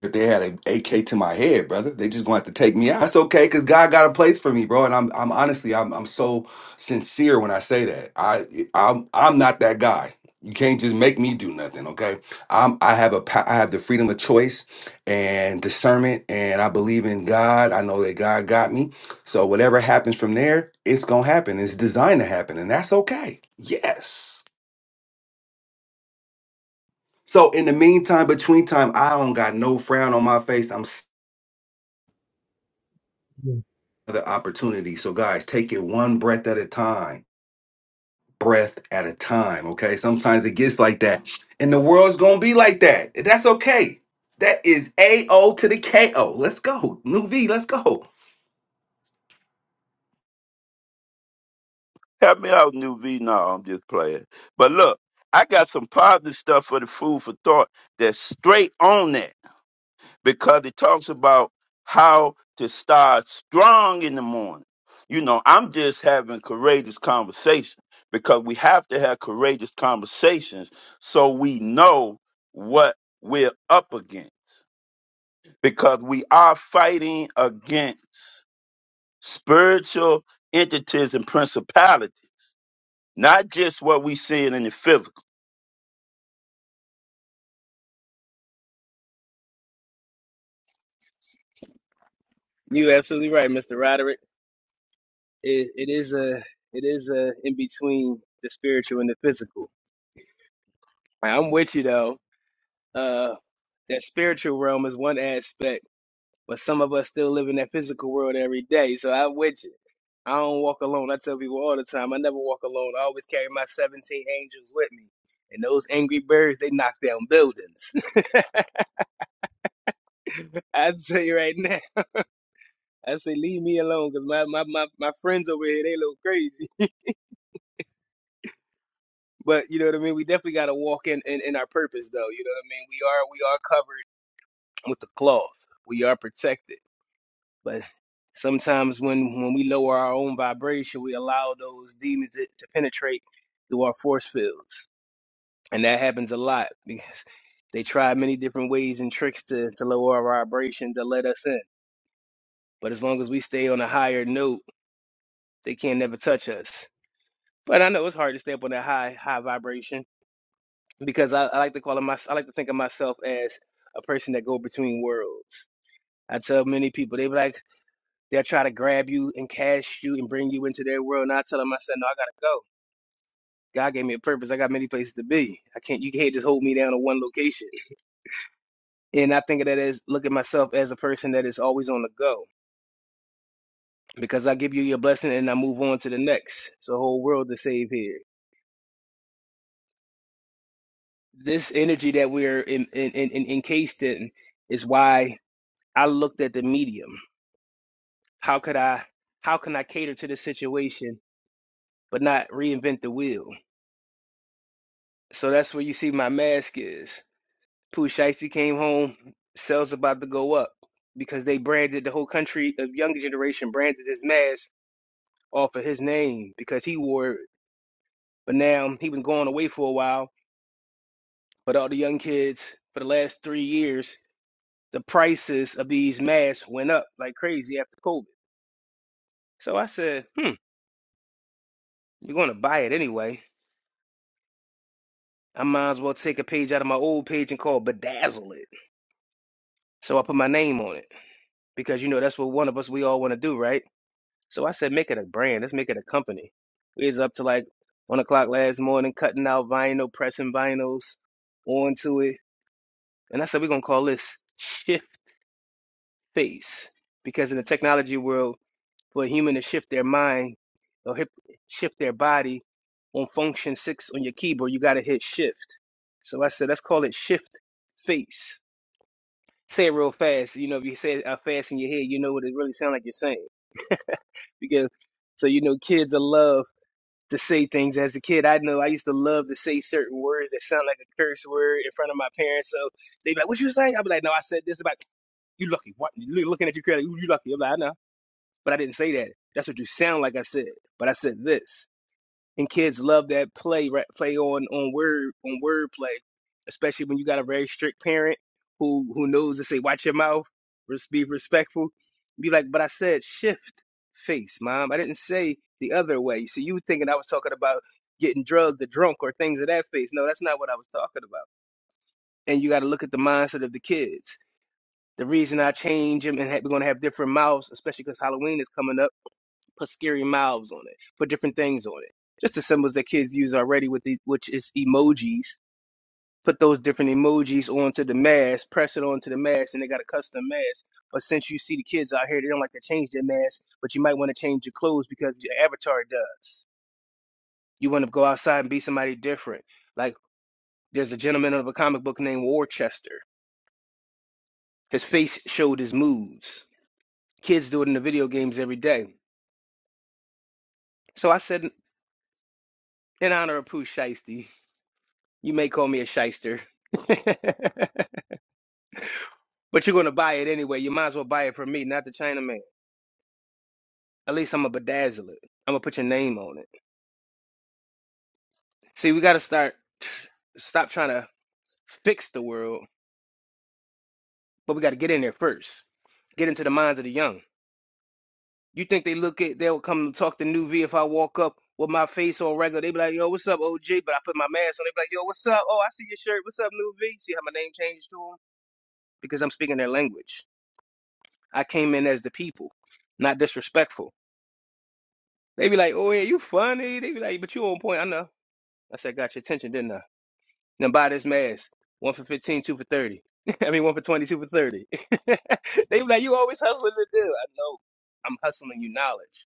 [SPEAKER 1] If they had an AK to my head, brother, they just going to have to take me out. That's okay, cause God got a place for me, bro. And I'm, I'm honestly, I'm, I'm so sincere when I say that. I, I'm, I'm not that guy. You can't just make me do nothing, okay? I'm, I have a, pa- I have the freedom of choice and discernment, and I believe in God. I know that God got me. So whatever happens from there, it's gonna happen. It's designed to happen, and that's okay. Yes. So in the meantime, between time, I don't got no frown on my face. I'm another opportunity. So, guys, take it one breath at a time, breath at a time. Okay. Sometimes it gets like that, and the world's going to be like that. That's okay. That is AO to the KO. Let's go. New V, let's go.
[SPEAKER 2] Help me out, new V. No, I'm just playing. But look, I got some positive stuff for the food for thought that's straight on that. because it talks about how to start strong in the morning. You know, I'm just having courageous conversation because we have to have courageous conversations so we know what we're up against because we are fighting against spiritual entities and principalities, not just what we seeing in the physical.
[SPEAKER 6] You absolutely right, Mr. Roderick. It, it is a it is a in between the spiritual and the physical. I'm with you though. Uh, that spiritual realm is one aspect, but some of us still live in that physical world every day. So I'm with you. I don't walk alone. I tell people all the time, I never walk alone. I always carry my 17 angels with me. And those angry birds, they knock down buildings. I tell you right now. I say, leave me alone, cause my, my, my, my friends over here, they look crazy. But you know what I mean? We definitely got to walk in, in in our purpose though. You know what I mean? We are we are covered with the cloth. We are protected. But sometimes when when we lower our own vibration, we allow those demons to, to penetrate through our force fields. And that happens a lot because they try many different ways and tricks to to lower our vibration to let us in. But as long as we stay on a higher note, they can't never touch us. But I know it's hard to stay up on that high high vibration because I, I like to call him my, I like to think of myself as a person that go between worlds. I tell many people they be like they'll try to grab you and cash you and bring you into their world, and I tell them I said no, I gotta go. God gave me a purpose. I got many places to be. I can't. You can't just hold me down to one location. And I think of that as look at myself as a person that is always on the go because I give you your blessing and I move on to the next. It's a whole world to save here. This energy that we're in, in, in, in- encased in is why I looked at the medium. how could I how can I cater to this situation but not reinvent the wheel? So that's where you see my mask is. Pooh Shiesty came home, sales about to go up because they branded the whole country of younger generation branded his mask off of his name because he wore it. But now he was going away for a while, but all the young kids for the last three years, the prices of these masks went up like crazy after COVID. So I said, hmm, you're gonna buy it anyway I might as well take a page out of my old page and call bedazzle it. So I put my name on it because you know that's what one of us we all want to do, right? So I said, make it a brand. Let's make it a company. We was up to like one o'clock last morning, cutting out vinyl, pressing vinyls onto it, and I said we're gonna call this Shift Face because in the technology world, for a human to shift their mind or hip, shift their body on function six on your keyboard, you gotta hit Shift. So I said, let's call it Shift Face say it real fast. You know, if you say it out fast in your head, you know what it really sounds like you're saying. Because so you know, kids love to say things. As a kid, I know I used to love to say certain words that sound like a curse word in front of my parents. So they be like, "What you say?" I'd be like, "No, I said this about you. Lucky. What? You looking at your credit? you lucky?" I'm like, "I know, but I didn't say that. That's what you sound like. I said, but I said this." and kids love that play right play on on word on word play especially when you got a very strict parent who who knows to say watch your mouth res- be respectful be like but i said shift face mom i didn't say the other way so you were thinking i was talking about getting drugged or drunk or things of that face no that's not what i was talking about and you got to look at the mindset of the kids the reason i change them and ha- we're going to have different mouths especially because halloween is coming up put scary mouths on it, put different things on it. Just the symbols that kids use already with the which is emojis. Put those different emojis onto the mask, press it onto the mask, and they got a custom mask. But since you see the kids out here, they don't like to change their mask, but you might want to change your clothes because your avatar does. You want to go outside and be somebody different. Like there's a gentleman of a comic book named Worcester. His face showed his moods. Kids do it in the video games every day. So I said, in honor of Pooh Shiesty, You may call me a shyster, but you're gonna buy it anyway. You might as well buy it from me, not the Chinaman. At least I'm gonna bedazzle it. I'm gonna put your name on it. See, we gotta start, stop trying to fix the world, but we gotta get in there first. Get into the minds of the young. You think they look at? They'll come talk to New V if I walk up with my face on regular. They be like, "Yo, what's up, OG?" But I put my mask on. They be like, "Yo, what's up? Oh, I see your shirt. What's up, New V?" See how my name changed to them because I'm speaking their language. I came in as the people, not disrespectful. They be like, oh, yeah, you funny. They be like, but you on point. I know. I said, got your attention, didn't I? Then buy this mask. One for fifteen, two for 30. I mean, one for twenty, two for 30. they be like, you always hustling to do. I know I'm hustling you knowledge.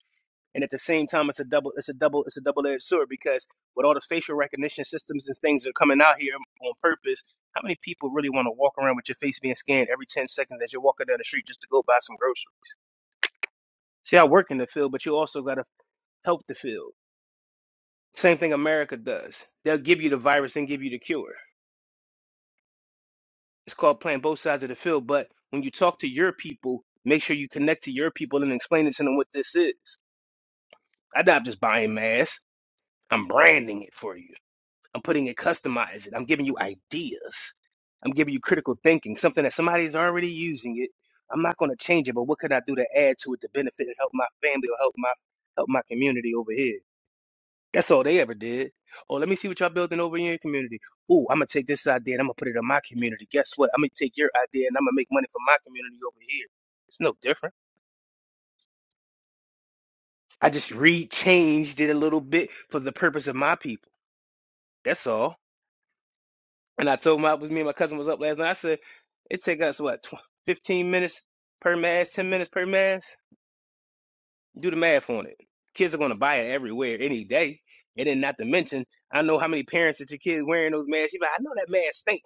[SPEAKER 6] And at the same time, it's a double, it's a double, it's a double-edged sword because with all the facial recognition systems and things that are coming out here on purpose, how many people really want to walk around with your face being scanned every 10 seconds as you're walking down the street just to go buy some groceries? See, I work in the field, but you also got to help the field Same thing America does. They'll give you the virus and give you the cure. It's called playing both sides of the field. But when you talk to your people, make sure you connect to your people and explain it to them what this is. I'm not just buying masks. I'm branding it for you. I'm putting it, customize it. I'm giving you ideas. I'm giving you critical thinking, something that somebody's already using it. I'm not going to change it, but what could I do to add to it to benefit and help my family or help my help my community over here? That's all they ever did. Oh, let me see what y'all building over in your community. Ooh, I'm gonna take this idea and I'm gonna put it in my community. Guess what? I'm gonna take your idea and I'm gonna make money for my community over here. It's no different. I just re-changed it a little bit for the purpose of my people. That's all. And I told my me and my cousin was up last night. I said it take us what tw- 15 minutes per mass, 10 minutes per mass. Do the math on it. Kids are gonna buy it everywhere any day. And then not to mention, I know how many parents that your kids wearing those masks. You be like, I know that mask stink.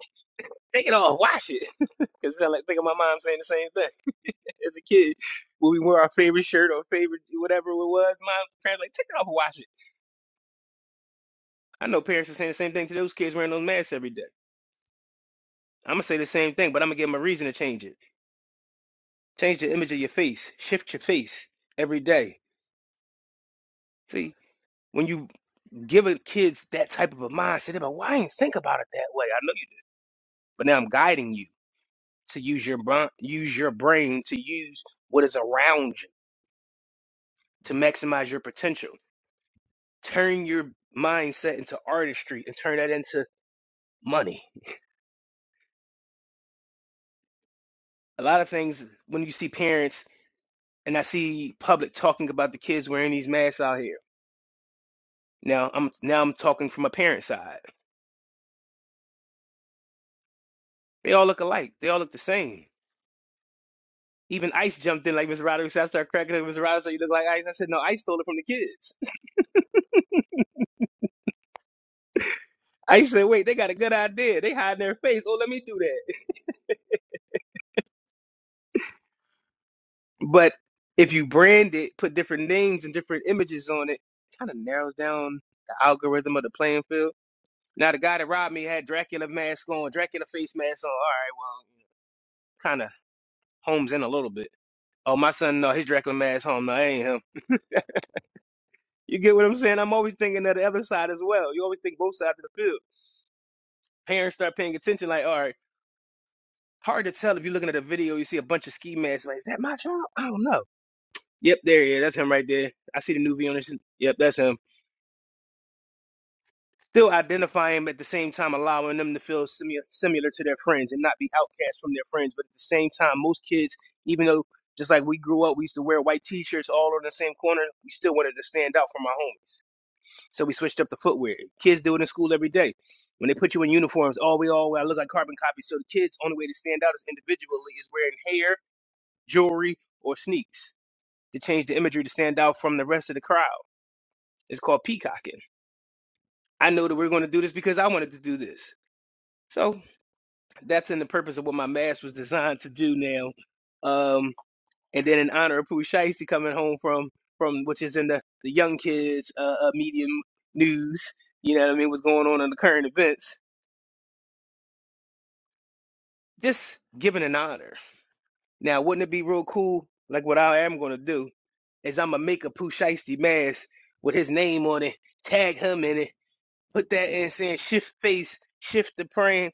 [SPEAKER 6] Take it off, wash it. Cause I like think of my mom saying the same thing as a kid. When we wore our favorite shirt or favorite whatever it was, my parents like, take it off and wash it. I know parents are saying the same thing to those kids wearing those masks every day. I'm gonna say the same thing, but I'm gonna give them a reason to change it. Change the image of your face. Shift your face every day. See, when you give kids that type of a mindset, they're like, "Why I didn't think about it that way?" I know you did, but now I'm guiding you to use your br- use your brain to use what is around you to maximize your potential. turn your mindset into artistry and turn that into money. A lot of things when you see parents and I see public talking about the kids wearing these masks out here. Now I'm now I'm talking from a parent side. They all look alike. They all look the same. Even Ice jumped in like Mr. Roderick said. I started cracking up. Mr. Roderick said, "You look like Ice." I said, "No, Ice stole it from the kids." Ice said, "Wait, they got a good idea. They hide their face. Oh, let me do that." But if you brand it, put different names and different images on it, it kind of narrows down the algorithm of the playing field Now the guy that robbed me had Dracula mask on, Dracula face mask on. All right, well, kind of homes in a little bit. Oh, my son, no, his Dracula mask home. No, that ain't him. You get what I'm saying? I'm always thinking of the other side as well. You always think both sides of the field. Parents start paying attention, like, all right, hard to tell if you're looking at a video, you see a bunch of ski masks. Like, is that my child? I don't know. Yep, there he is. That's him right there. I see the new V on this. Yep, that's him. still identify them at the same time allowing them to feel similar similar to their friends and not be outcast from their friends but at the same time most kids even though just like we grew up we used to wear white t-shirts all on the same corner we still wanted to stand out from our homies so we switched up the footwear kids do it in school every day when they put you in uniforms all we all wear I look like carbon copies so the kids only way to stand out is individually is wearing hair jewelry or sneaks to change the imagery to stand out from the rest of the crowd it's called peacocking i know that we're going to do this because i wanted to do this so that's in the purpose of what my mask was designed to do now. Um, and then in honor of Pooh Shiesty coming home from from which is in the the young kids uh, uh medium news. You know what I mean? What's going on in the current events? Just giving an honor. Now, wouldn't it be real cool? Like what I am gonna do is I'm gonna make a Pooh Shiesty mask with his name on it, tag him in it, put that in saying shift face, shift the frame,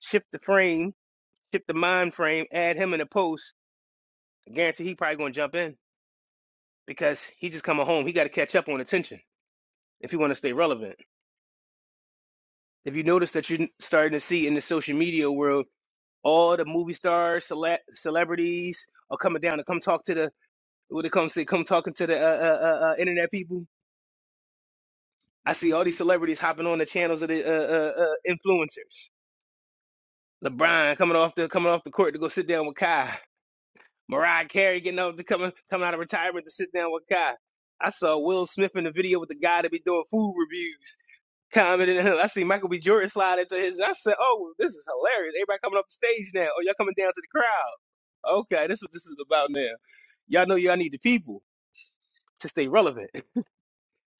[SPEAKER 6] shift the frame, shift the mind frame, add him in a post I guarantee he probably gonna jump in because he just coming home. He got to catch up on attention if he want to stay relevant. If you notice that you're starting to see in the social media world, all the movie stars, cele- celebrities are coming down to come talk to the what they come say, come talking to the uh, uh, uh, uh, internet people. I see all these celebrities hopping on the channels of the uh, uh, uh, influencers. LeBron coming off the coming off the court to go sit down with Kai. Mariah Carey getting up to coming coming out of retirement to sit down with Kai. I saw Will Smith in the video with the guy that be doing food reviews commented. and I see Michael B. Jordan slide into his. and I said, "Oh, well, this is hilarious! Everybody coming up the stage now. Oh, y'all coming down to the crowd? Okay, this is what this is about now. Y'all know y'all need the people to stay relevant.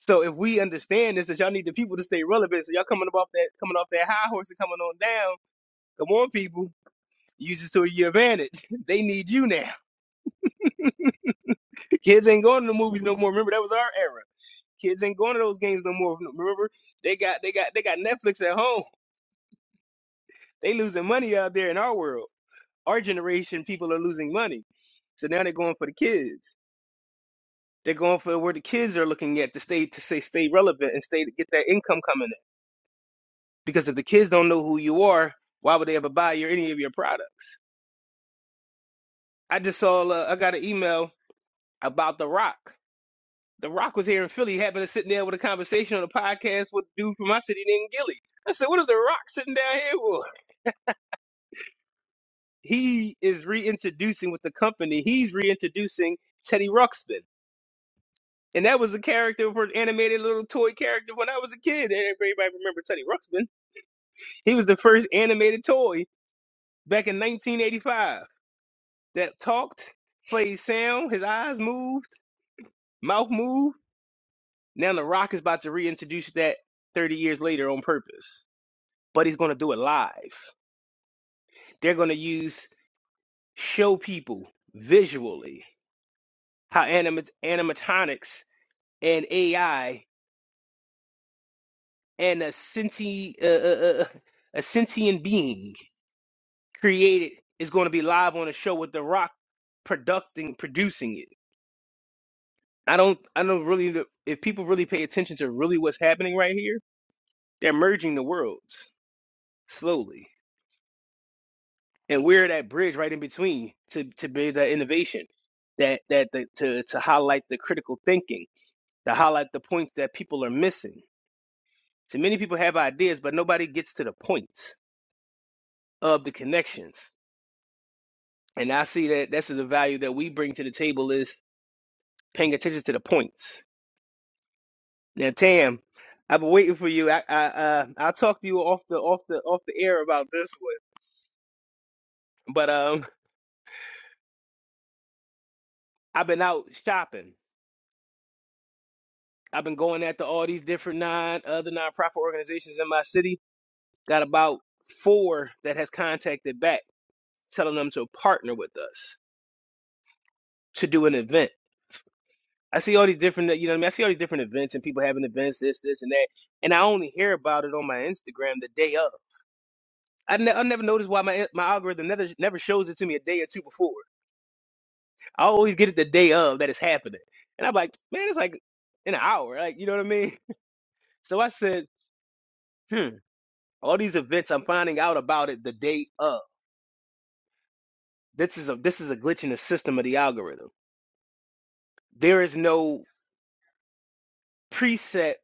[SPEAKER 6] So if we understand this, that y'all need the people to stay relevant, so y'all coming up off that coming off that high horse and coming on down. Come on, people, use this to your advantage. They need you now. Kids ain't going to the movies no more. Remember that was our era. Kids ain't going to those games no more. Remember they got they got they got Netflix at home. They losing money out there in our world. our generation, people are losing money. So now they're going for the kids. They're going for where the kids are looking at to stay to say stay relevant and stay to get that income coming in. Because if the kids don't know who you are, why would they ever buy your any of your products? I just saw uh, I got an email about The Rock. The Rock was here in Philly, happened to sitting there with a conversation on a podcast with a dude from my city named Gilly. I said, "What is The Rock sitting down here for?" He is reintroducing with the company. He's reintroducing Teddy Ruxpin. And that was a character for an animated little toy character when I was a kid. And everybody remember Teddy Ruxpin. He was the first animated toy back in 1985 that talked, played sound, his eyes moved, mouth moved. Now The Rock is about to reintroduce that 30 years later on purpose, but he's going to do it live. They're going to use show people visually how animat- animatronics and AI and a sentient, uh, uh, uh, a sentient being created is going to be live on a show with The Rock producing producing it. I don't I don't really know- if people really pay attention to really what's happening right here. They're merging the worlds slowly, and we're that bridge right in between to to be that innovation, that that the, to to highlight the critical thinking, to highlight the points that people are missing. So many people have ideas, but nobody gets to the points of the connections. And I see that that's the value that we bring to the table is paying attention to the points Now, Tam, I've been waiting for you. I, I uh, I'll talk to you off the off the off the air about this one. But um, I've been out shopping. I've been going after all these different non other nonprofit organizations in my city. Got about four that has contacted back, telling them to partner with us to do an event. I see all these different, you know what I mean? I see all these different events and people having events, this, this, and that. And I only hear about it on my Instagram the day of. I, ne- I never noticed why my my algorithm never never shows it to me a day or two before. I always get it the day of that it's happening. And I'm like, man, it's like in an hour. Like, you know what I mean? So I said, hmm, all these events, I'm finding out about it the day of. This is a this is a glitch in the system of the algorithm. There is no preset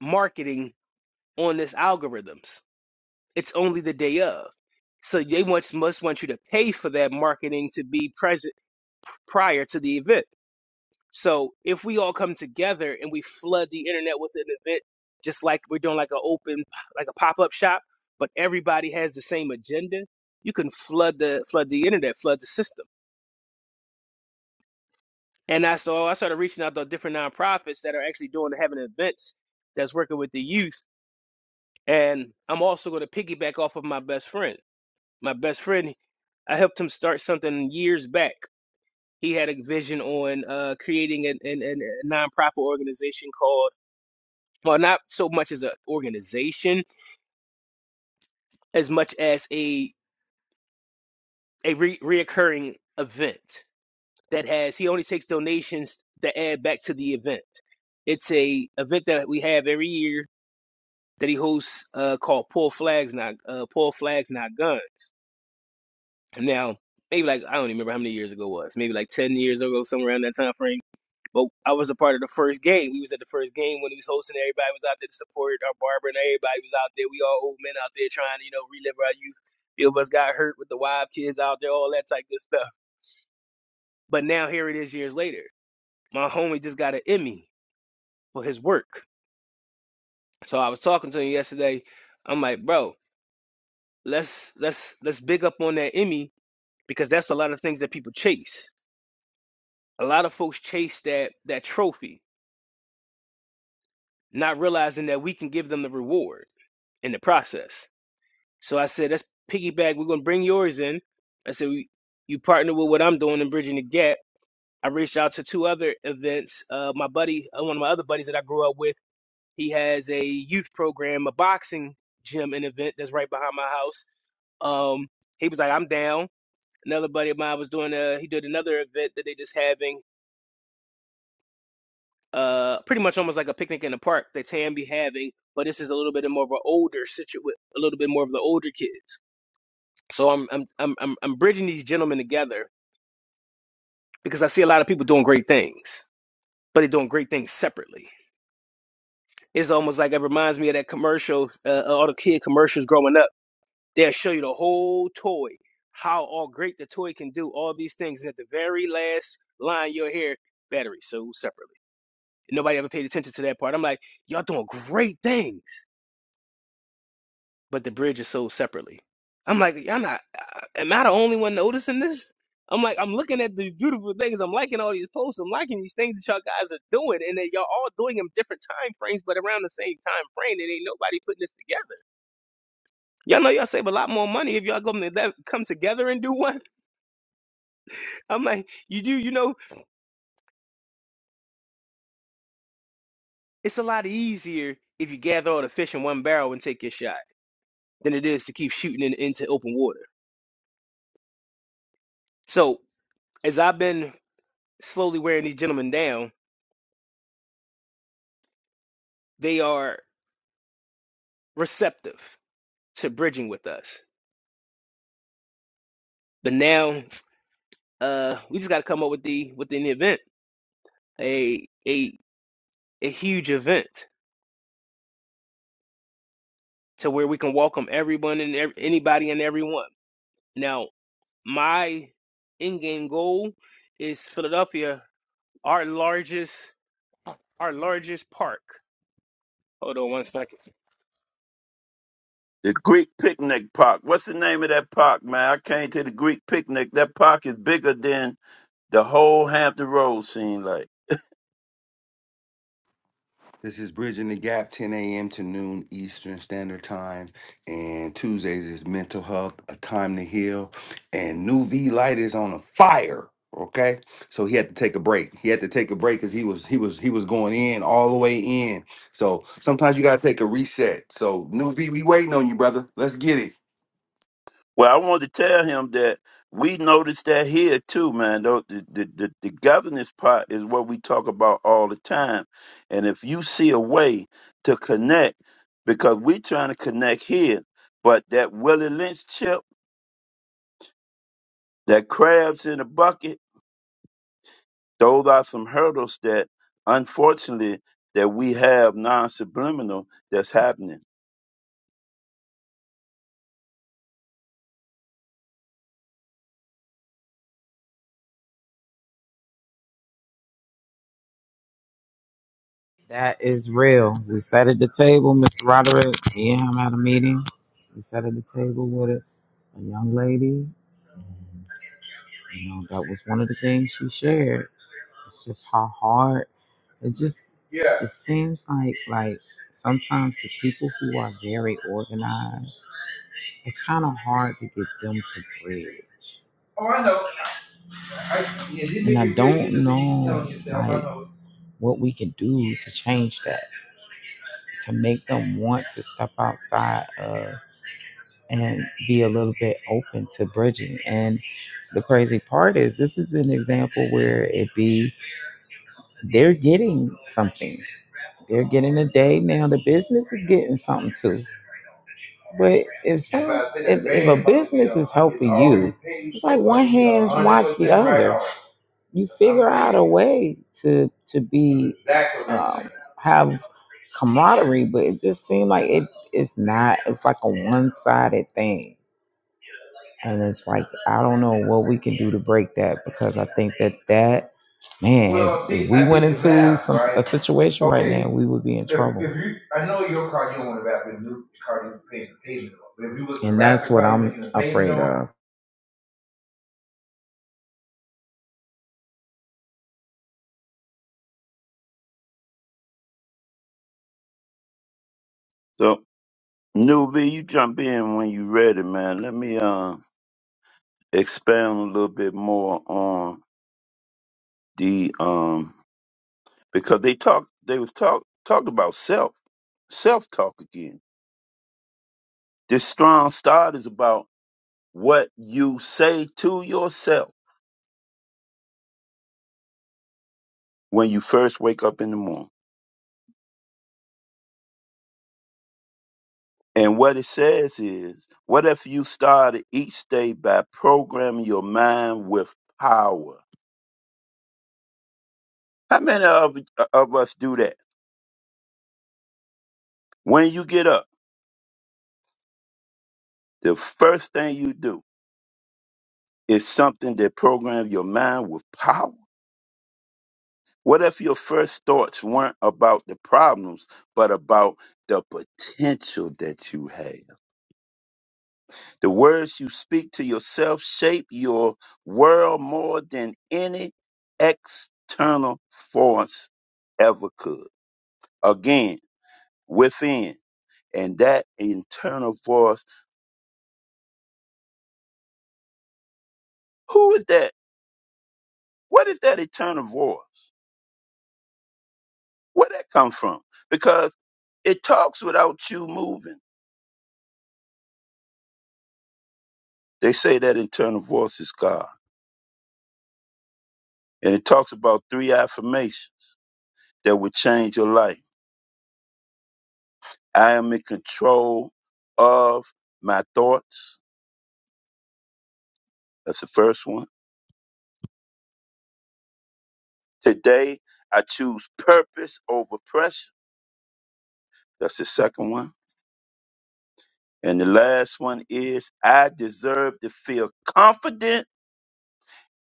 [SPEAKER 6] marketing on this algorithms. It's only the day of. So they must must want you to pay for that marketing to be present prior to the event. So if we all come together and we flood the internet with an event, just like we're doing like an open, like a pop up shop, but everybody has the same agenda, you can flood the flood the internet, flood the system. And I so I started reaching out to different nonprofits that are actually doing having events that's working with the youth. And I'm also going to piggyback off of my best friend. My best friend, I helped him start something years back. He had a vision on uh, creating a an, an, a nonprofit organization called well, not so much as an organization, as much as a a re- reoccurring event that has. He only takes donations that add back to the event. It's a event that we have every year that he hosts uh, called Pull Flags Not uh, Pull Flags Not Guns. And now maybe like I don't even remember how many years ago it was. Maybe like ten years ago, somewhere around that time frame. But I was a part of the first game. We was at the first game when he was hosting. Everybody was out there to support our barber, and everybody was out there. We all old men out there trying to, you know, relive our youth. Few of us got hurt with the wild kids out there, all that type of stuff. But now here it is years later. My homie just got an Emmy for his work. So I was talking to him yesterday. I'm like, bro, let's let's let's big up on that Emmy because that's a lot of things that people chase. A lot of folks chase that that trophy, not realizing that we can give them the reward in the process So I said, let's piggyback. We're gonna bring yours in. I said, we, you partner with what I'm doing in bridging the gap. I reached out to two other events. Uh, my buddy, uh, one of my other buddies that I grew up with, he has a youth program, a boxing gym and event that's right behind my house. Um, he was like, I'm down. Another buddy of mine was doing a, he did another event that they just having, uh, pretty much almost like a picnic in the park that Tam be having, but this is a little bit more of an older situ, a little bit more of the older kids. So I'm I'm I'm I'm I'm bridging these gentlemen together because I see a lot of people doing great things, but they're doing great things separately. It's almost like it reminds me of that commercial, uh, uh, all the kid commercials growing up. They'll show you the whole toy, how all great the toy can do, all these things, and at the very last line you'll hear battery sold separately. And nobody ever paid attention to that part. I'm like, y'all doing great things. but the bridge is sold separately. I'm like, y'all not, uh, am I the only one noticing this? I'm like, I'm looking at the beautiful things. I'm liking all these posts. I'm liking these things that y'all guys are doing, and that y'all all doing them different time frames, but around the same time frame. And ain't nobody putting this together. Y'all know y'all save a lot more money if y'all come to that, come together and do one. I'm like, you do, you know, it's a lot easier if you gather all the fish in one barrel and take your shot than it is to keep shooting in, into open water. So as I've been slowly wearing these gentlemen down, they are. receptive to bridging with us. But now uh we just gotta come up with the with an event, a a a huge event to where we can welcome everyone and ev- anybody and everyone. Now my in game goal is Philadelphia, our largest our largest park. Hold on one second.
[SPEAKER 2] The Greek picnic park. What's the name of that park, man? I came to the Greek picnic. That park is bigger than the whole Hampton Road scene like.
[SPEAKER 1] This is Bridging the Gap, 10 a.m. to noon Eastern Standard Time. And Tuesdays is Mental Health, A Time to Heal. And New V Light is on a fire. Okay. So he had to take a break. He had to take a break because he was he was he was going in all the way in. So sometimes you gotta take a reset. So New V, we waiting on you, brother. Let's get it.
[SPEAKER 2] Well, I wanted to tell him that we noticed that here too, man. Though The, the, the, the governance part is what we talk about all the time. And if you see a way to connect, because we trying to connect here, but that Willie Lynch chip, that crabs in a bucket, those are some hurdles that unfortunately that we have non subliminal that's happening.
[SPEAKER 4] That is real. We sat at the table, Mr. Roderick. Me and him at a meeting. We sat at the table with a, a young lady. You know, that was one of the things she shared. It's just how hard it just yeah. it seems like like sometimes the people who are very organized, it's kind of hard to get them to bridge. I- yeah, And I don't really know like, what we can do to change that, to make them want to step outside of and be a little bit open to bridging. And the crazy part is, this is an example where it be they're getting something. They're getting a day now. The business is getting something too. But if some, if, if a business is helping you, it's like one hand's watch the other. You figure out a way to to be um, have camaraderie, but it just seemed like it it's not. It's like a one sided thing, and it's like I don't know what we can do to break that because I think that that Man, if if we went into some a situation okay. right now, we would be in trouble. And that's what I'm afraid of.
[SPEAKER 2] So New you jump in when you ready, man. Let me um expound a little bit more on the um because they talk they was talk talked about self self talk again. This strong start is about what you say to yourself when you first wake up in the morning. And what it says is, what if you started each day by programming your mind with power? How many of, of us do that? When you get up, the first thing you do is something that programs your mind with power What if your first thoughts weren't about the problems, but about the potential that you have? The words you speak to yourself shape your world more than any external force ever could. Again, within. And that internal voice, who is that? What is that internal voice? Where that come from? Because it talks without you moving. They say that internal voice is God. And it talks about three affirmations that would change your life. I am in control of my thoughts. That's the first one. Today, I choose purpose over pressure. That's the second one. And the last one is I deserve to feel confident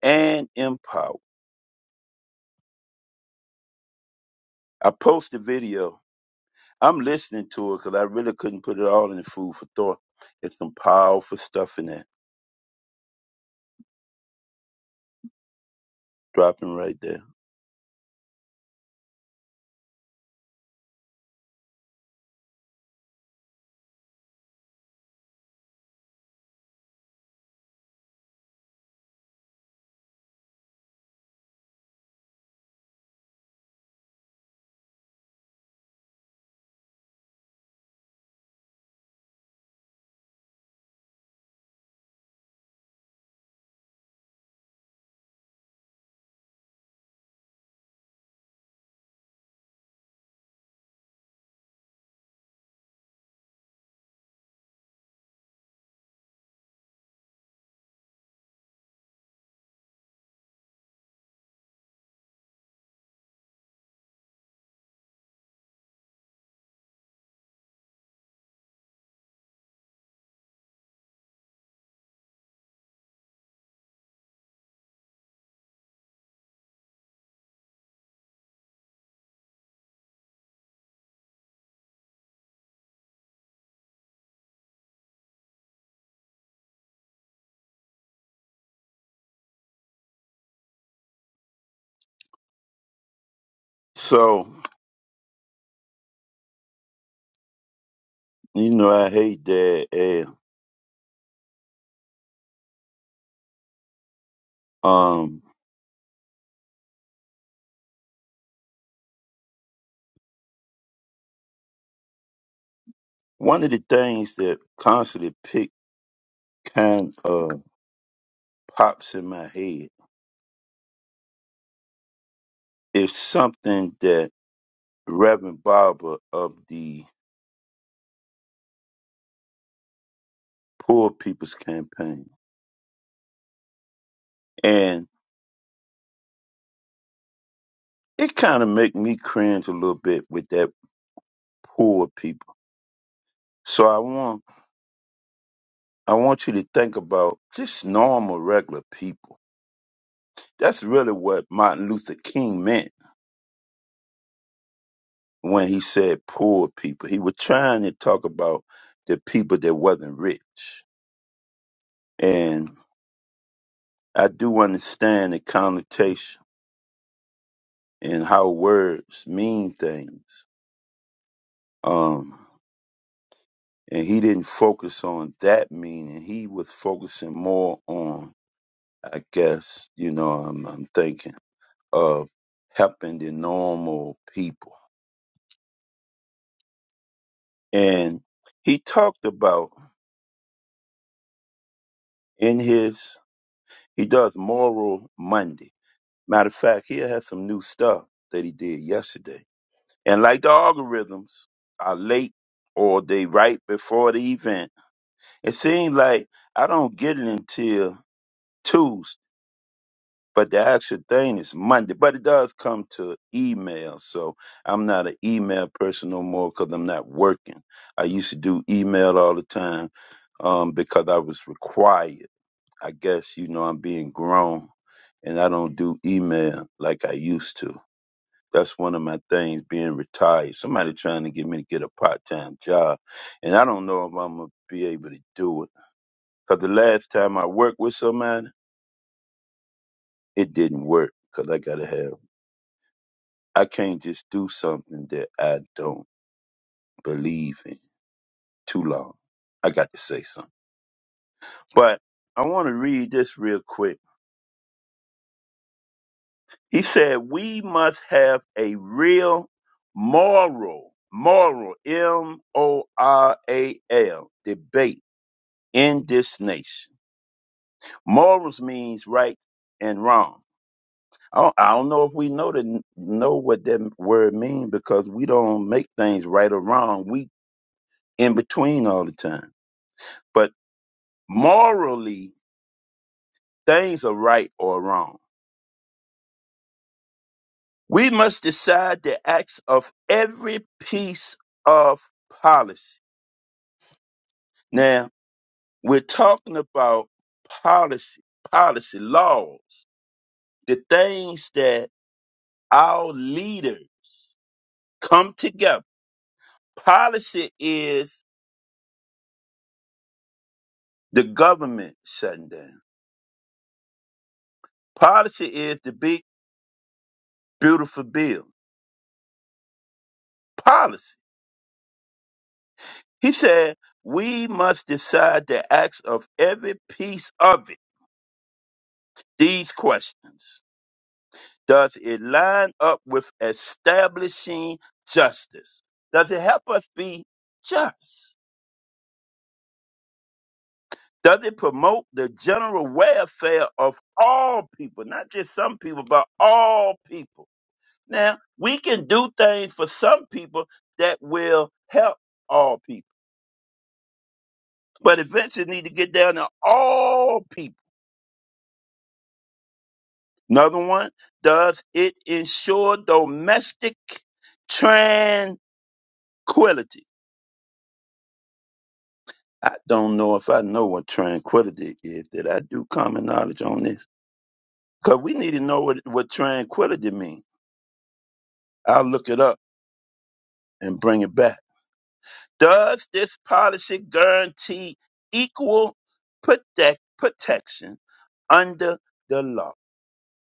[SPEAKER 2] and empowered. I post the video. I'm listening to it because I really couldn't put it all in the food for thought. It's some powerful stuff in there. Dropping right there. So, you know, I hate that. And, um, one of the things that constantly pick kind of pops in my head is something that Reverend Barber of the Poor People's Campaign, and it kind of make me cringe a little bit with that poor people. So I want I want you to think about just normal, regular people That's really what Martin Luther King meant when he said poor people. He was trying to talk about the people that wasn't rich. And I do understand the connotation and how words mean things. Um, and he didn't focus on that meaning. He was focusing more on, I guess, you know, I'm, I'm thinking of helping the normal people. And he talked about in his He does Moral Monday. Matter of fact, he has some new stuff that he did yesterday. And like the algorithms are late or they right before the event, it seems like I don't get it until Tuesday, but the actual thing is Monday. But it does come to email, so I'm not an email person no more because I'm not working. I used to do email all the time um, because I was required. I guess you know I'm being grown and I don't do email like I used to. That's one of my things being retired. Somebody trying to get me to get a part-time job and I don't know if I'm going to be able to do it. Cause the last time I worked with somebody, it didn't work cause I got to have I can't just do something that I don't believe in too long. I got to say something. But I want to read this real quick He said we must have a real moral, moral, M O R A L, debate in this nation. Morals means right and wrong. I don't, I don't know if we know the, know what that word means because we don't make things right or wrong. We in between all the time. But morally, things are right or wrong. We must decide the acts of every piece of policy. Now, We're talking about policy, policy, laws, the things that our leaders come together. Policy is the government shutting down. Policy is the big, beautiful bill. Policy. He said, we must decide the acts of every piece of it. These questions. Does it line up with establishing justice? Does it help us be just? Does it promote the general welfare of all people, not just some people, but all people? Now, we can do things for some people that will help all people, but eventually need to get down to all people. Another one, does it ensure domestic tranquility? I don't know if I know what tranquility is. Did I do common knowledge on this? Because we need to know what, what tranquility means. I'll look it up and bring it back. Does this policy guarantee equal protect protection under the law?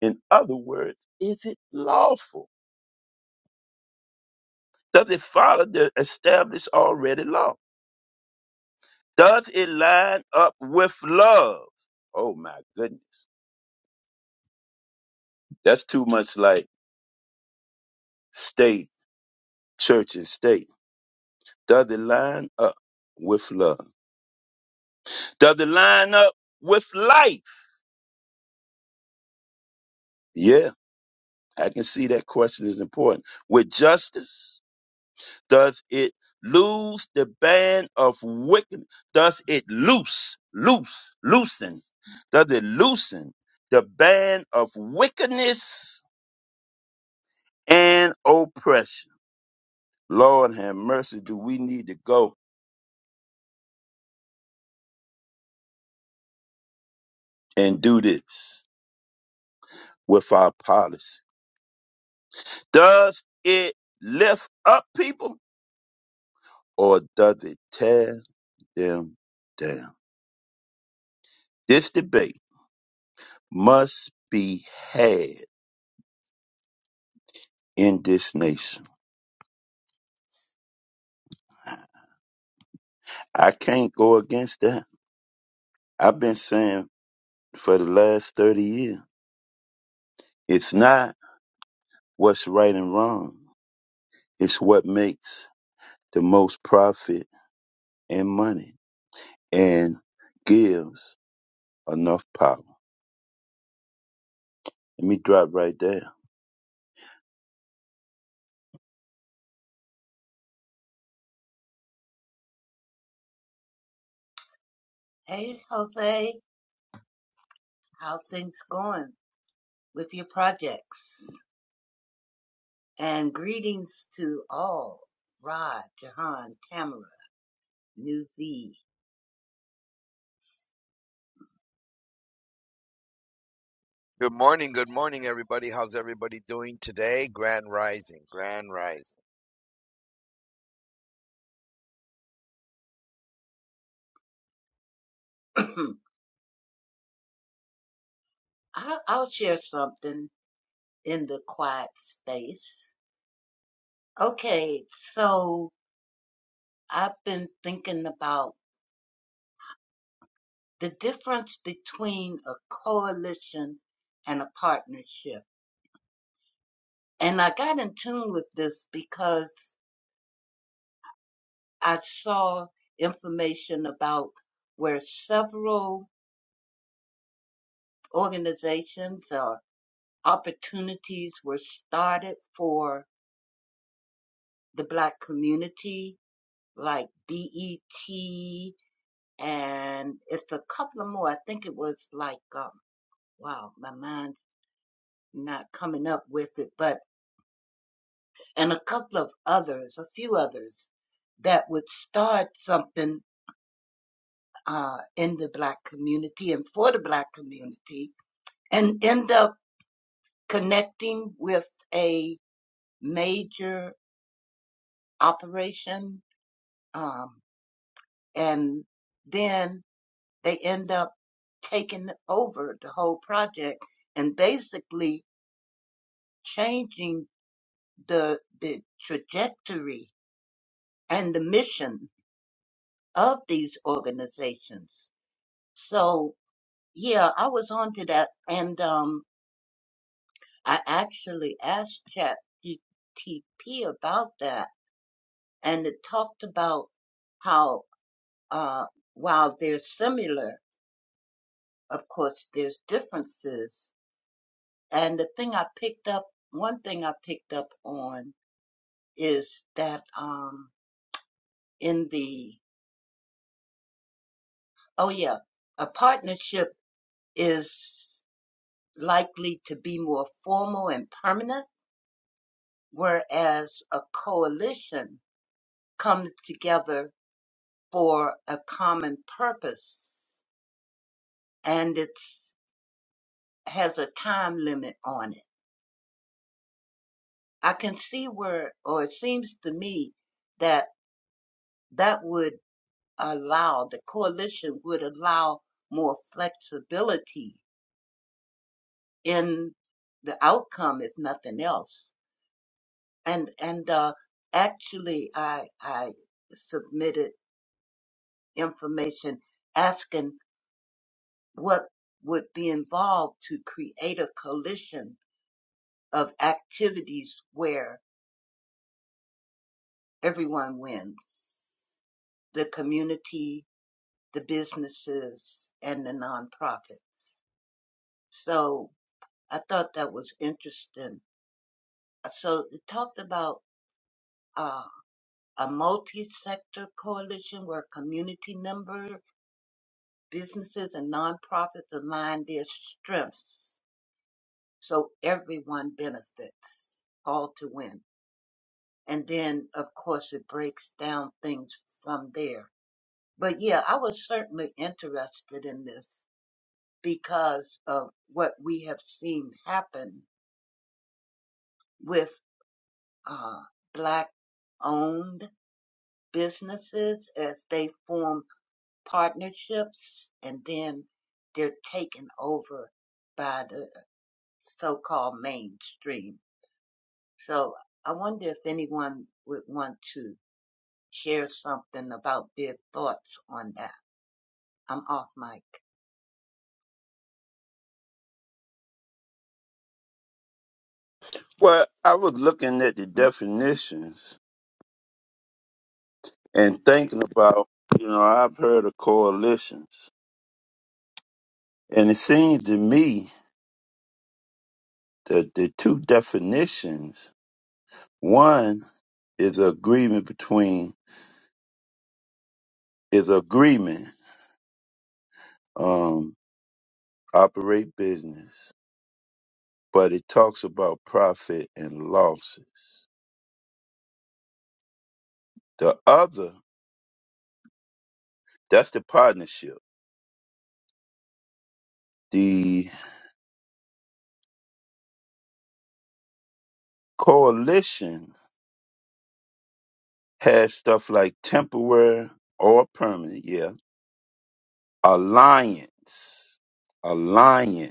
[SPEAKER 2] In other words, is it lawful? Does it follow the established already law? Does it line up with love? Oh my goodness. That's too much like state, church, and state. Does it line up with love? Does it line up with life? Yeah. I can see that question is important. With justice, does it lose the band of wickedness? Does it loose, loose, loosen? Does it loosen the band of wickedness and oppression? Lord have mercy, do we need to go and do this with our policy? Does it lift up people or does it tear them down? This debate must be had in this nation. I can't go against that. I've been saying for the last 30 years, it's not what's right and wrong. It's what makes the most profit and money and gives enough power. Let me drop right there.
[SPEAKER 5] Hey, Jose, how things going with your projects? And greetings to all. Rod, Jahan, Tamara, New V.
[SPEAKER 7] Good morning, good morning, everybody. How's everybody doing today? Grand Rising, Grand Rising.
[SPEAKER 5] I'll, I'll share something in the quiet space. Okay, so I've been thinking about the difference between a coalition and a partnership. And I got in tune with this because I saw information about where several organizations or opportunities were started for the Black community, like BET and it's a couple of more. I think it was like, um, wow, my mind's not coming up with it, but, and a couple of others, a few others that would start something, uh, in the black community and for the black community and end up connecting with a major operation, um, and then they end up taking over the whole project and basically changing the the trajectory and the mission of these organizations. So yeah, I was onto that, and um, I actually asked ChatGTP about that, and it talked about how uh, while they're similar, of course, there's differences. And the thing I picked up, one thing I picked up on is that um, in the oh yeah, a partnership is likely to be more formal and permanent, whereas a coalition comes together for a common purpose and it has a time limit on it. I can see where, or it seems to me that that would allow, the coalition would allow more flexibility in the outcome, if nothing else and and uh, actually I I submitted information asking what would be involved to create a coalition of activities where everyone wins the community the businesses and the nonprofit so I thought that was interesting so it talked about uh, a multi-sector coalition where community members Businesses and nonprofits align their strengths so everyone benefits. All to win. And then, of course, it breaks down things from there. But yeah, I was certainly interested in this because of what we have seen happen with uh, black owned businesses as they form partnerships and then they're taken over by the. so-called mainstream. So I wonder if anyone would want to share something about their thoughts on that. I'm off mic.
[SPEAKER 2] Well, I was looking at the definitions and thinking about, you know, I've heard of coalitions. And it seems to me that the two definitions One is agreement between is agreement um operate business, but it talks about profit and losses. The other, that's the partnership. The coalition has stuff like temporary or permanent, yeah. Alliance. Alliance.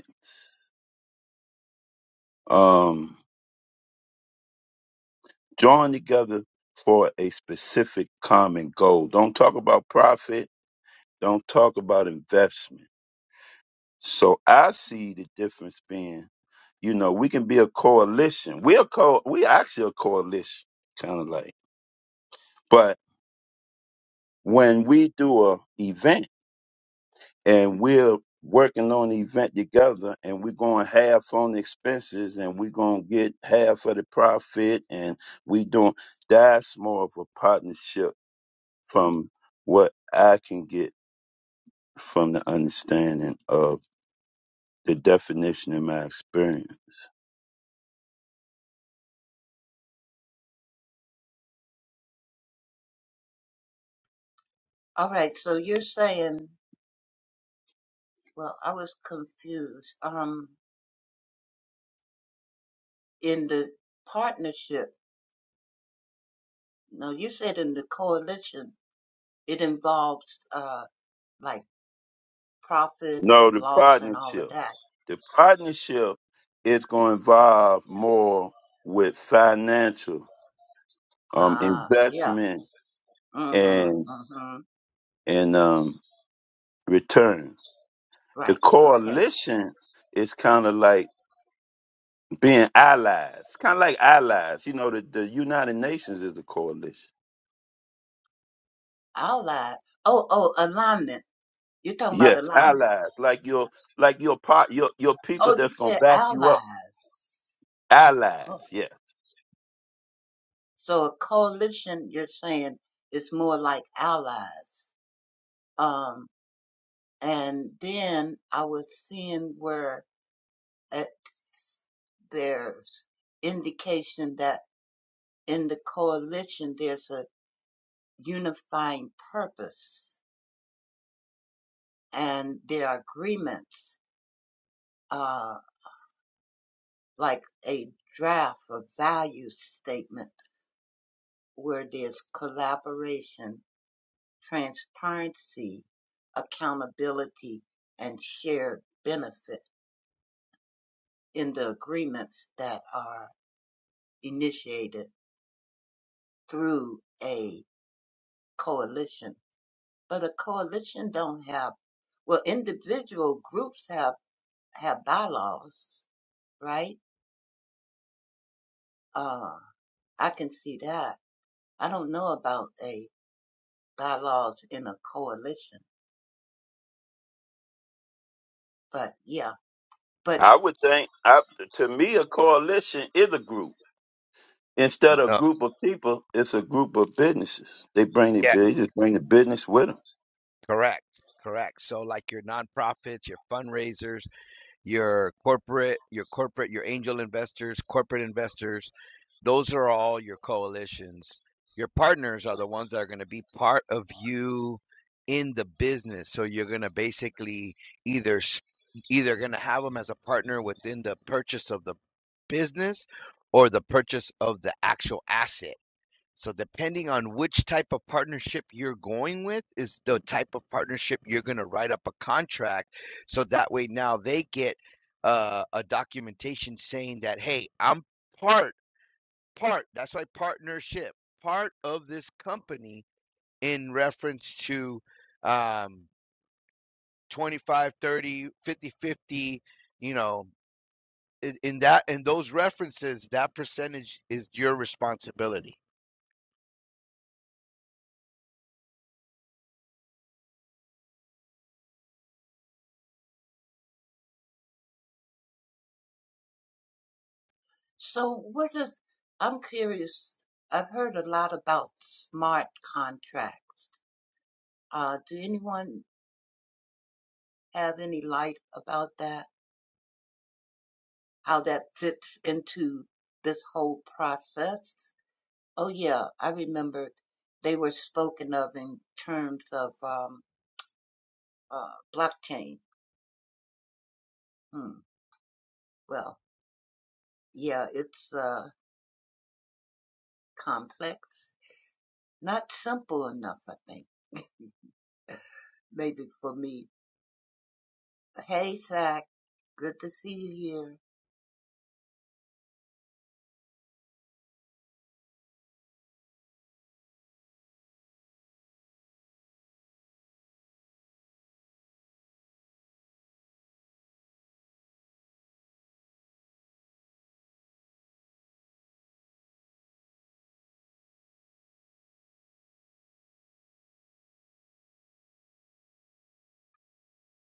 [SPEAKER 2] Um join together for a specific common goal. Don't talk about profit Don't talk about investment. So I see the difference being, you know, we can be a coalition. We're co we actually a coalition, kind of like. But when we do a event and we're working on the event together and we're going half on the expenses and we're going to get half of the profit and we doing that's more of a partnership from what I can get from the understanding of the definition in my experience.
[SPEAKER 5] All right, so you're saying, well, I was confused. Um, in the partnership, no, you said in the coalition, it involves uh like profit
[SPEAKER 2] No,
[SPEAKER 5] and
[SPEAKER 2] the
[SPEAKER 5] loss and all of
[SPEAKER 2] partnership.
[SPEAKER 5] that.
[SPEAKER 2] The partnership is going to involve more with financial um,
[SPEAKER 5] Ah, yeah.
[SPEAKER 2] investment
[SPEAKER 5] Mm-hmm.
[SPEAKER 2] and
[SPEAKER 5] Mm-hmm.
[SPEAKER 2] and um, return. The
[SPEAKER 5] Right. Okay.
[SPEAKER 2] coalition is kind of like being allies, kind of like allies. You know, the, the United Nations is a coalition.
[SPEAKER 5] I'll lie. Oh, oh, alignment. You're talking about
[SPEAKER 2] Yes,
[SPEAKER 5] alignment.
[SPEAKER 2] allies, like your like your part, your your people
[SPEAKER 5] Oh, you
[SPEAKER 2] that's going to
[SPEAKER 5] said
[SPEAKER 2] back you up.
[SPEAKER 5] allies. Oh.
[SPEAKER 2] Allies, yes
[SPEAKER 5] So a coalition, you're saying, is more like allies. Um, and then I was seeing where it, there's indication that in the coalition there's a unifying purpose and there are agreements, uh, like a draft of value statement where there's collaboration transparency, accountability, and shared benefit in the agreements that are initiated through a coalition. But a coalition don't have, well, individual groups have, have bylaws, right? Uh, I can see that. I don't know about a bylaws in a coalition, but yeah. But
[SPEAKER 2] I would think, I, to me, a coalition is a group. Instead of a
[SPEAKER 7] Oh,
[SPEAKER 2] group of people, it's a group of businesses. They bring the
[SPEAKER 7] yes,
[SPEAKER 2] business, They just bring the business with them.
[SPEAKER 7] correct, correct. So, like your nonprofits, your fundraisers. your corporate, your corporate, your angel investors, corporate investors, those are all your coalitions. Your partners are the ones that are going to be part of you in the business. So you're going to basically either either going to have them as a partner within the purchase of the business or the purchase of the actual asset so depending on which type of partnership you're going with is the type of partnership you're going to write up a contract. So that way now they get uh, a documentation saying that, hey, I'm part, part, that's why partnership, part of this company in reference to um, 25, 30, 50 50. you know, in, in that, in those references, that percentage is your responsibility.
[SPEAKER 5] so what is, I'm curious, I've heard a lot about smart contracts. Uh, do anyone have any light about that? How that fits into this whole process? Oh yeah, I remembered they were spoken of in terms of um, uh, blockchain. Hmm. Well, yeah, it's uh, complex, not simple enough. I think maybe for me. Hey Zach, good to see you here.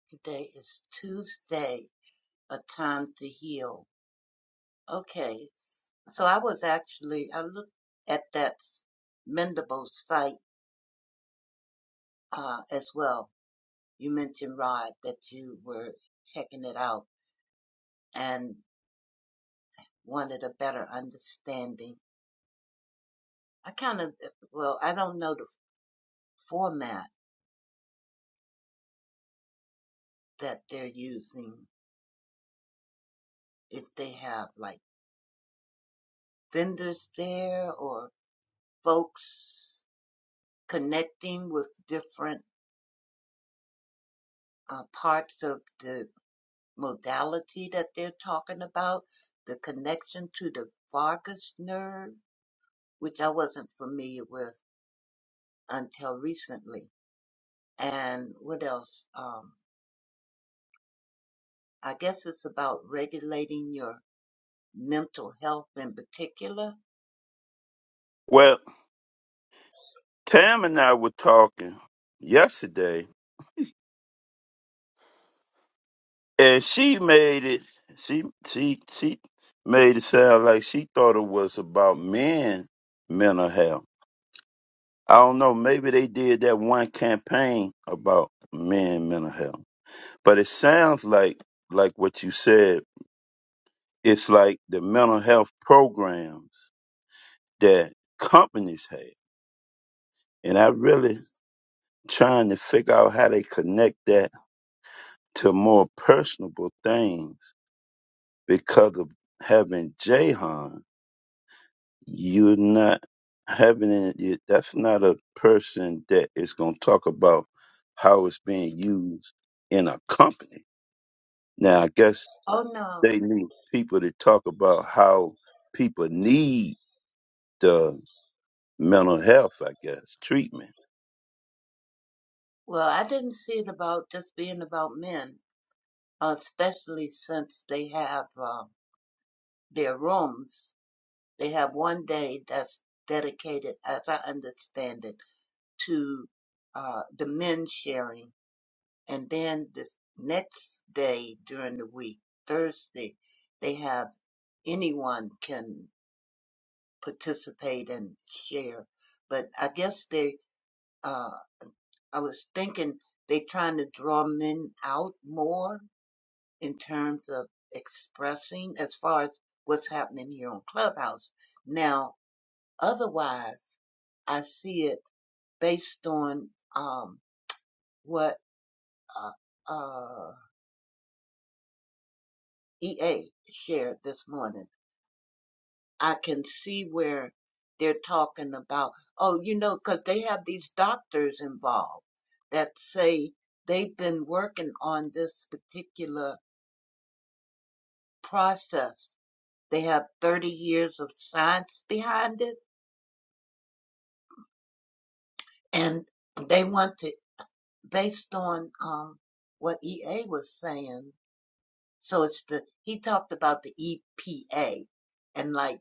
[SPEAKER 5] Today is Tuesday, a time to heal. Okay, so I was actually I looked at that Mendable site uh, as well. You mentioned Rod that you were checking it out and wanted a better understanding. I kind of, well, I don't know the format that they're using, if they have like vendors there or folks connecting with different uh, parts of the modality that they're talking about, the connection to the vagus nerve, which I wasn't familiar with until recently. And what else? Um, I guess it's about regulating your mental health in particular.
[SPEAKER 2] Well, Tam and I were talking yesterday, and she made it. She she she made it sound like she thought it was about men mental health. I don't know. Maybe they did that one campaign about men mental health, but it sounds like like what you said it's like the mental health programs that companies have. And I really trying to figure out how they connect that to more personable things because of having Jahan, you're not having it. it- That's not a person that is going to talk about how it's being used in a company. Now, I guess
[SPEAKER 5] Oh no.
[SPEAKER 2] they need people to talk about how people need the mental health, I guess, treatment
[SPEAKER 5] Well, I didn't see it about just being about men, uh, especially since they have uh, their rooms. They have one day that's dedicated, as I understand it, to uh, the men sharing, and then the next day during the week, Thursday, they have anyone can participate and share. But I guess they uh, I was thinking they trying to draw men out more in terms of expressing as far as what's happening here on Clubhouse. Now, otherwise, I see it based on um, what uh, uh, EA shared this morning. I can see where they're talking about, oh, you know, because they have these doctors involved that say they've been working on this particular process They have 30 years of science behind it, and they want to, based on um, what EA was saying. So it's the, he talked about the EPA, and like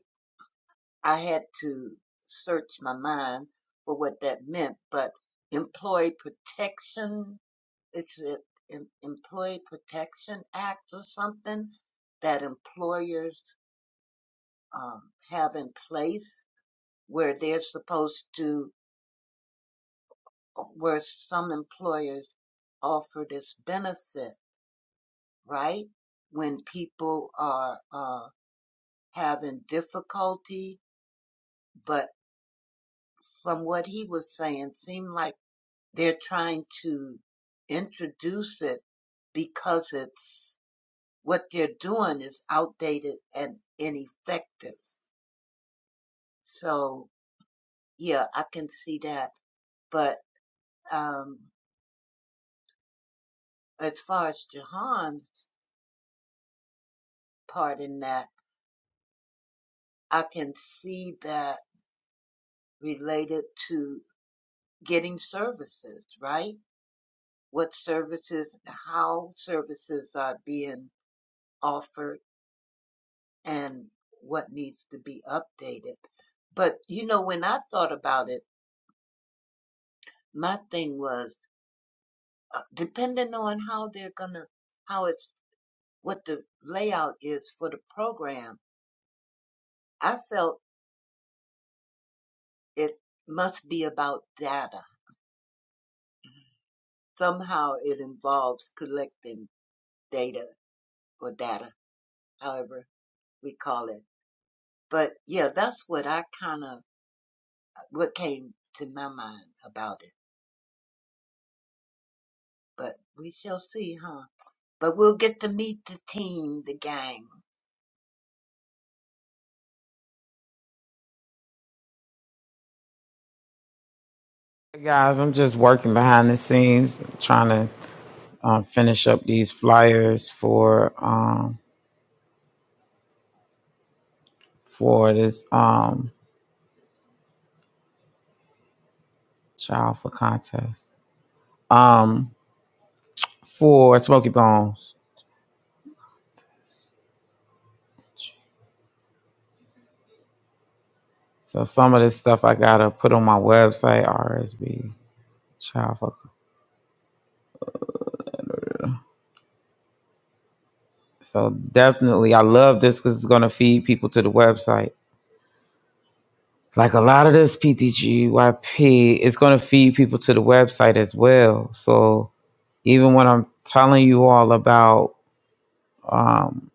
[SPEAKER 5] I had to search my mind for what that meant, but Employee Protection, it's the Employee Protection Act or something that employers um, have in place where they're supposed to where some employers offer this benefit, right? When people are uh, having difficulty, but from what he was saying, seemed like they're trying to introduce it because it's what they're doing is outdated and ineffective. So yeah, I can see that. But um, as far as Jahan's part in that, I can see that related to getting services, right? What services, how services are being offered, and what needs to be updated. But you know, when I thought about it, my thing was uh, depending on how they're gonna, how it's, what the layout is for the program. I felt it must be about data. Somehow it involves collecting data or data, however we call it But yeah, that's what I kind of what came to my mind about it. But we shall see, huh? But we'll get to meet the team, the gang.
[SPEAKER 4] Hey guys, I'm just working behind the scenes, trying to uh, finish up these flyers for um, for this um, child for contest um, for Smoky Bones. So some of this stuff I gotta put on my website, RSB Child for So definitely, I love this because it's going to feed people to the website. Like a lot of this PTGYP, it's going to feed people to the website as well. So even when I'm telling you all about um,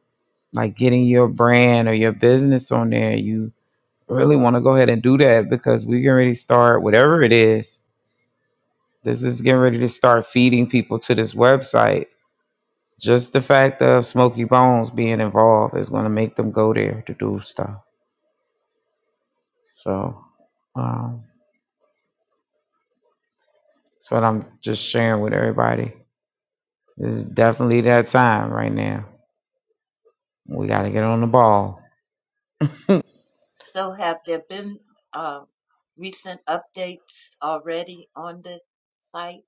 [SPEAKER 4] like getting your brand or your business on there, you really want to go ahead and do that because we can already start whatever it is. This is getting ready to start feeding people to this website. Just the fact of Smokey Bones being involved is going to make them go there to do stuff. So um, that's what I'm just sharing with everybody. This is definitely that time right now. We got to get on the ball.
[SPEAKER 5] So have there been uh, recent updates already on the site?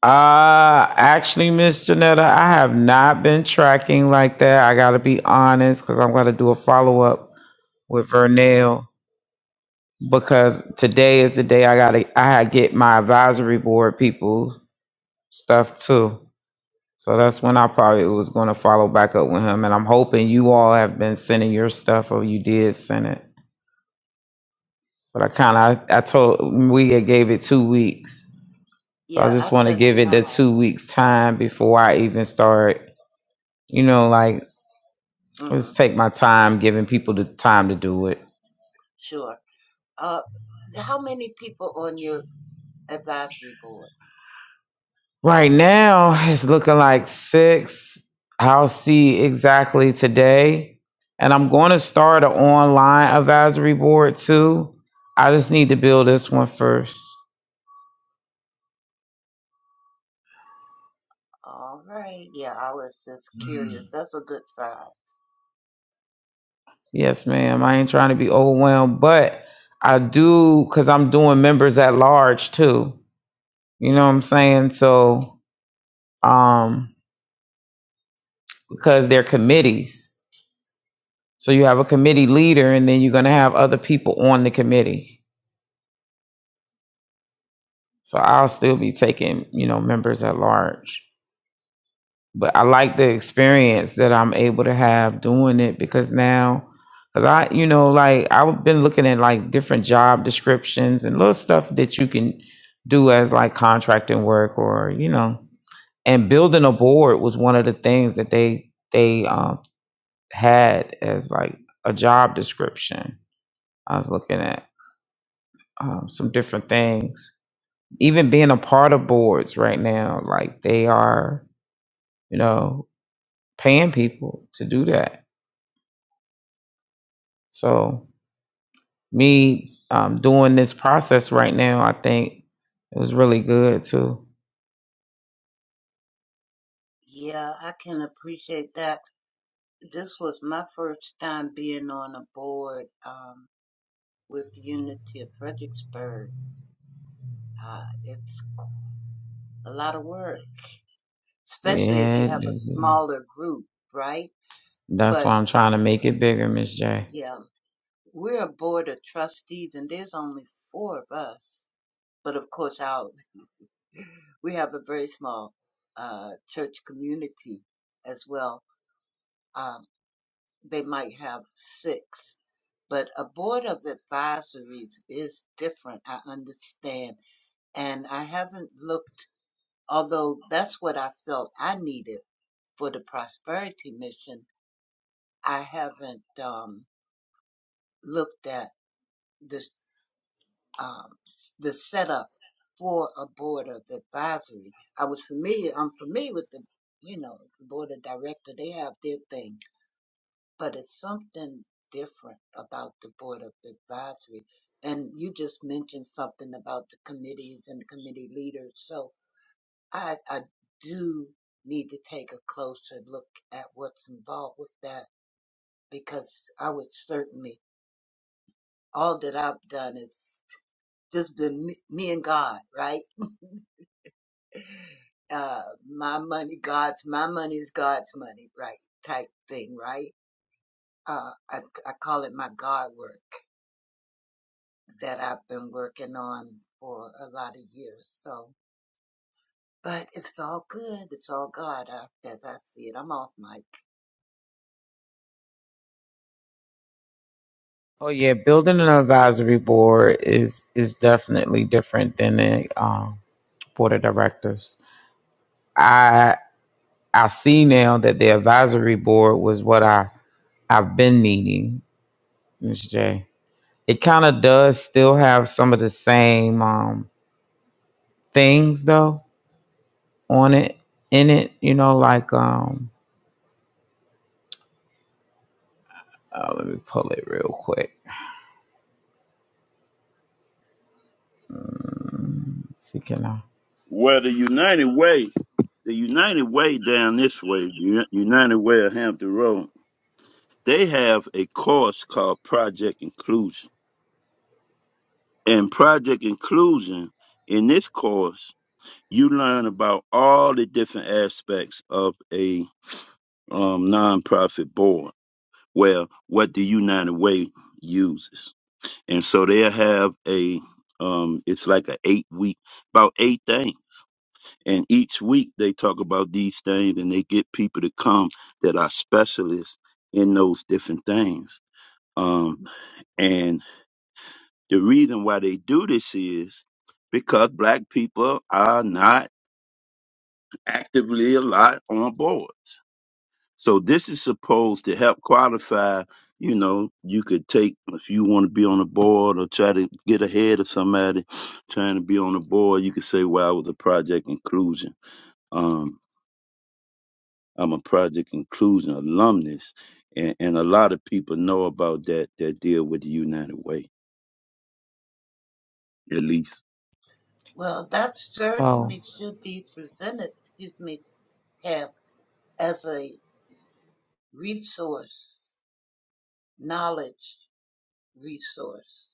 [SPEAKER 4] Uh, actually, Miss Janetta, I have not been tracking like that. I got to be honest because I'm going to do a follow up with Vernell because today is the day I got to I had get my advisory board people stuff too. So that's when I probably was going to follow back up with him. And I'm hoping you all have been sending your stuff or you did send it But I kind of, I, I told, we had gave it two weeks. So I
[SPEAKER 5] Yeah,
[SPEAKER 4] just
[SPEAKER 5] I
[SPEAKER 4] want to
[SPEAKER 5] sent
[SPEAKER 4] give it the
[SPEAKER 5] mine.
[SPEAKER 4] two weeks time before I even start, you know, like,
[SPEAKER 5] hmm
[SPEAKER 4] just take my time giving people the time to do it.
[SPEAKER 5] Sure. Uh, how many people on your advisory board?
[SPEAKER 4] Right now, it's looking like six. I'll see exactly today. And I'm going to start an online advisory board too. I just need to build this one first.
[SPEAKER 5] All right. Yeah, I was just curious. That's a good sign.
[SPEAKER 4] Yes, ma'am. I ain't trying to be overwhelmed, but I do because I'm doing members at large too. You know what I'm saying? So, um, because they're committees. So you have a committee leader and then you're going to have other people on the committee. So I'll still be taking, you know, members at large. But I like the experience that I'm able to have doing it because now, because I, you know, like I've been looking at like different job descriptions and little stuff that you can do as like contracting work or, you know, and building a board was one of the things that they they um, had as like a job description. I was looking at um, some different things. Even being a part of boards right now, like they are, you know, paying people to do that. So me um, doing this process right now, I think it was really good too.
[SPEAKER 5] Yeah, I can appreciate that. this was my first time being on a board um, with Unity of Fredericksburg. Uh, it's a lot of work, especially if you
[SPEAKER 4] Yeah,
[SPEAKER 5] have a smaller group, right?
[SPEAKER 4] that's
[SPEAKER 5] But
[SPEAKER 4] why I'm trying to make it bigger, Miss J.
[SPEAKER 5] yeah, we're a board of trustees, and there's only four of us. But of course, our we have a very small uh, church community as well. Um, they might have six, but a board of advisories is different. I understand And I haven't looked, although that's what I felt I needed for the prosperity mission. I haven't um, looked at this, um, s- the setup for a board of advisory. I was familiar, I'm familiar with the, you know, the board of director. They have their thing, but it's something different about the board of advisory. And you just mentioned something about the committees and committee leaders. So, I, I do need to take a closer look at what's involved with that because I would certainly, all that I've done is just been me, me and God, right? Uh, my money, God's, my money is God's money, right? Type thing, right? Uh, I, I call it my God work that I've been working on for a lot of years. So, but it's all good. It's all God uh, as I see it. I'm off mic.
[SPEAKER 4] Oh yeah, building an advisory board is is definitely different than the um, board of directors. I I see now that the advisory board was what I I've been needing, Miss J. It kind of does still have some of the same um, things though on it in it, you know, like um, uh, let me pull it real quick. Mm, let's see, can I?
[SPEAKER 2] Well, the United Way, the United Way down this way, the Uni- United Way of Hampton Road, they have a course called Project Inclusion. And Project Inclusion, in this course, you learn about all the different aspects of a um, nonprofit board. Well, what the United Way uses, and so they'll have a, um, it's like a eight week, about eight things And each week they talk about these things and they get people to come that are specialists in those different things. Um, and the reason why they do this is because black people are not actively a lot on boards. So this is supposed to help qualify, you know, you could take if you want to be on a board or try to get ahead of somebody trying to be on a board, you could say, well, I was a project inclusion. Um, I'm a project inclusion alumnus, and, and a lot of people know about that that deal with the United Way. At least
[SPEAKER 5] Well, that
[SPEAKER 4] So
[SPEAKER 5] certainly should be presented, excuse me, Tab, as a resource, knowledge resource,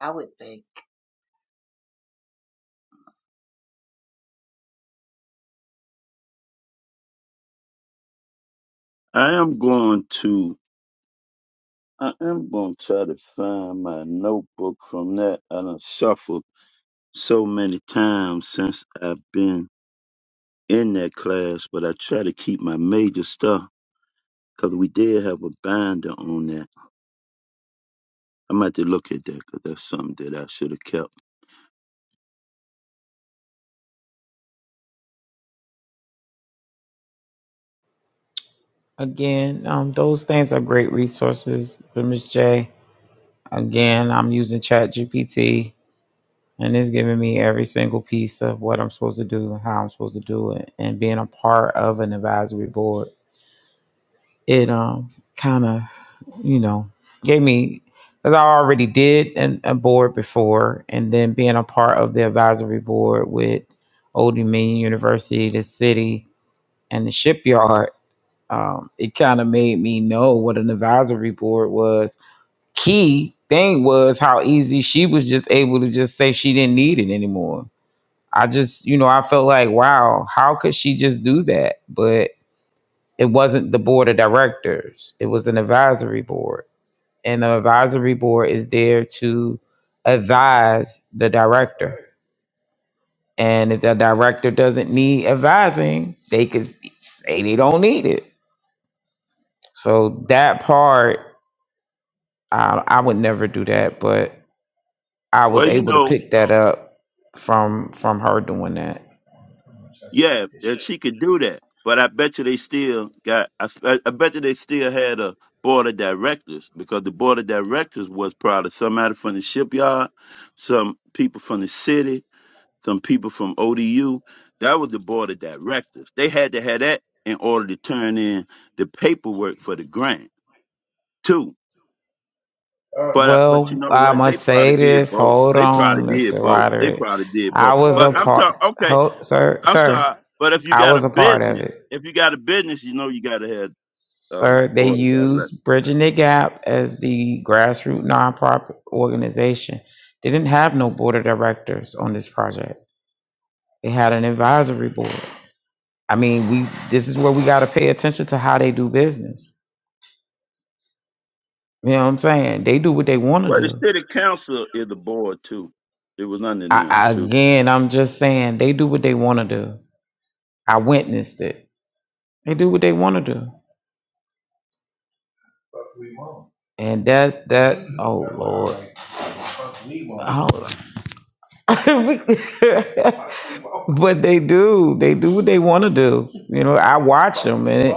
[SPEAKER 5] I would think.
[SPEAKER 2] I am going to I am going to try to find my notebook from that. I done suffered so many times since I've been in that class, but I try to keep my major stuff because we did have a binder on that. I might have to look at that because that's something that I should have kept.
[SPEAKER 4] again, um, those things are great resources for Miss J. Again, I'm using ChatGPT and it's giving me every single piece of what I'm supposed to do, how I'm supposed to do it, and being a part of an advisory board. It um kind of you know gave me because I already did an, a board before, and then being a part of the advisory board with Old Dominion University, the city, and the shipyard. Um, it kind of made me know what an advisory board was. Key thing was how easy she was just able to just say she didn't need it anymore I just, you know, I felt like, wow, how could she just do that? But it wasn't the board of directors, it was an advisory board. And the advisory board is there to advise the director. And if the director doesn't need advising, they could say they don't need it. So that part, I, I would never do that, but I was
[SPEAKER 2] Well, you
[SPEAKER 4] able to
[SPEAKER 2] know.
[SPEAKER 4] pick that up from from her doing that.
[SPEAKER 2] Yeah, and she could do that. But I bet you they still got. I, I I bet you they still had a board of directors because the board of directors was probably somebody from the shipyard, some people from the city, some people from ODU. That was the board of directors. They had to have that in order to turn in the paperwork for the grant too. But I- but you
[SPEAKER 4] Well,
[SPEAKER 2] know
[SPEAKER 4] I
[SPEAKER 2] what? They
[SPEAKER 4] must
[SPEAKER 2] probably
[SPEAKER 4] say
[SPEAKER 2] did
[SPEAKER 4] this.
[SPEAKER 2] both.
[SPEAKER 4] Hold
[SPEAKER 2] They probably
[SPEAKER 4] on,
[SPEAKER 2] did
[SPEAKER 4] Mr.
[SPEAKER 2] both. They
[SPEAKER 4] Roderick.
[SPEAKER 2] probably did
[SPEAKER 4] I
[SPEAKER 2] both.
[SPEAKER 4] was a
[SPEAKER 2] But I'm
[SPEAKER 4] part.
[SPEAKER 2] talking.
[SPEAKER 4] Hold, sir,
[SPEAKER 2] I'm
[SPEAKER 4] sir.
[SPEAKER 2] sorry, but if you
[SPEAKER 4] I
[SPEAKER 2] got a
[SPEAKER 4] was a part of
[SPEAKER 2] business,
[SPEAKER 4] it,
[SPEAKER 2] if you got a business, you know you got to have um
[SPEAKER 4] sir. They
[SPEAKER 2] board of directors.
[SPEAKER 4] used Bridging the Gap as the grassroots nonprofit organization. They didn't have no board of directors on this project. They had an advisory board. I mean, we. This is where we got to pay attention to how they do business. You know what I'm saying? They do what they want to
[SPEAKER 2] Well, the
[SPEAKER 4] do.
[SPEAKER 2] city council is the board too. It was under
[SPEAKER 4] I,
[SPEAKER 2] them
[SPEAKER 4] I,
[SPEAKER 2] too.
[SPEAKER 4] again, I'm just saying they do what they want to do. I witnessed it. They do what they want to do. And that's that. Oh Lord. Oh, but they do. They do what they want to do. You know, I watch them, and it,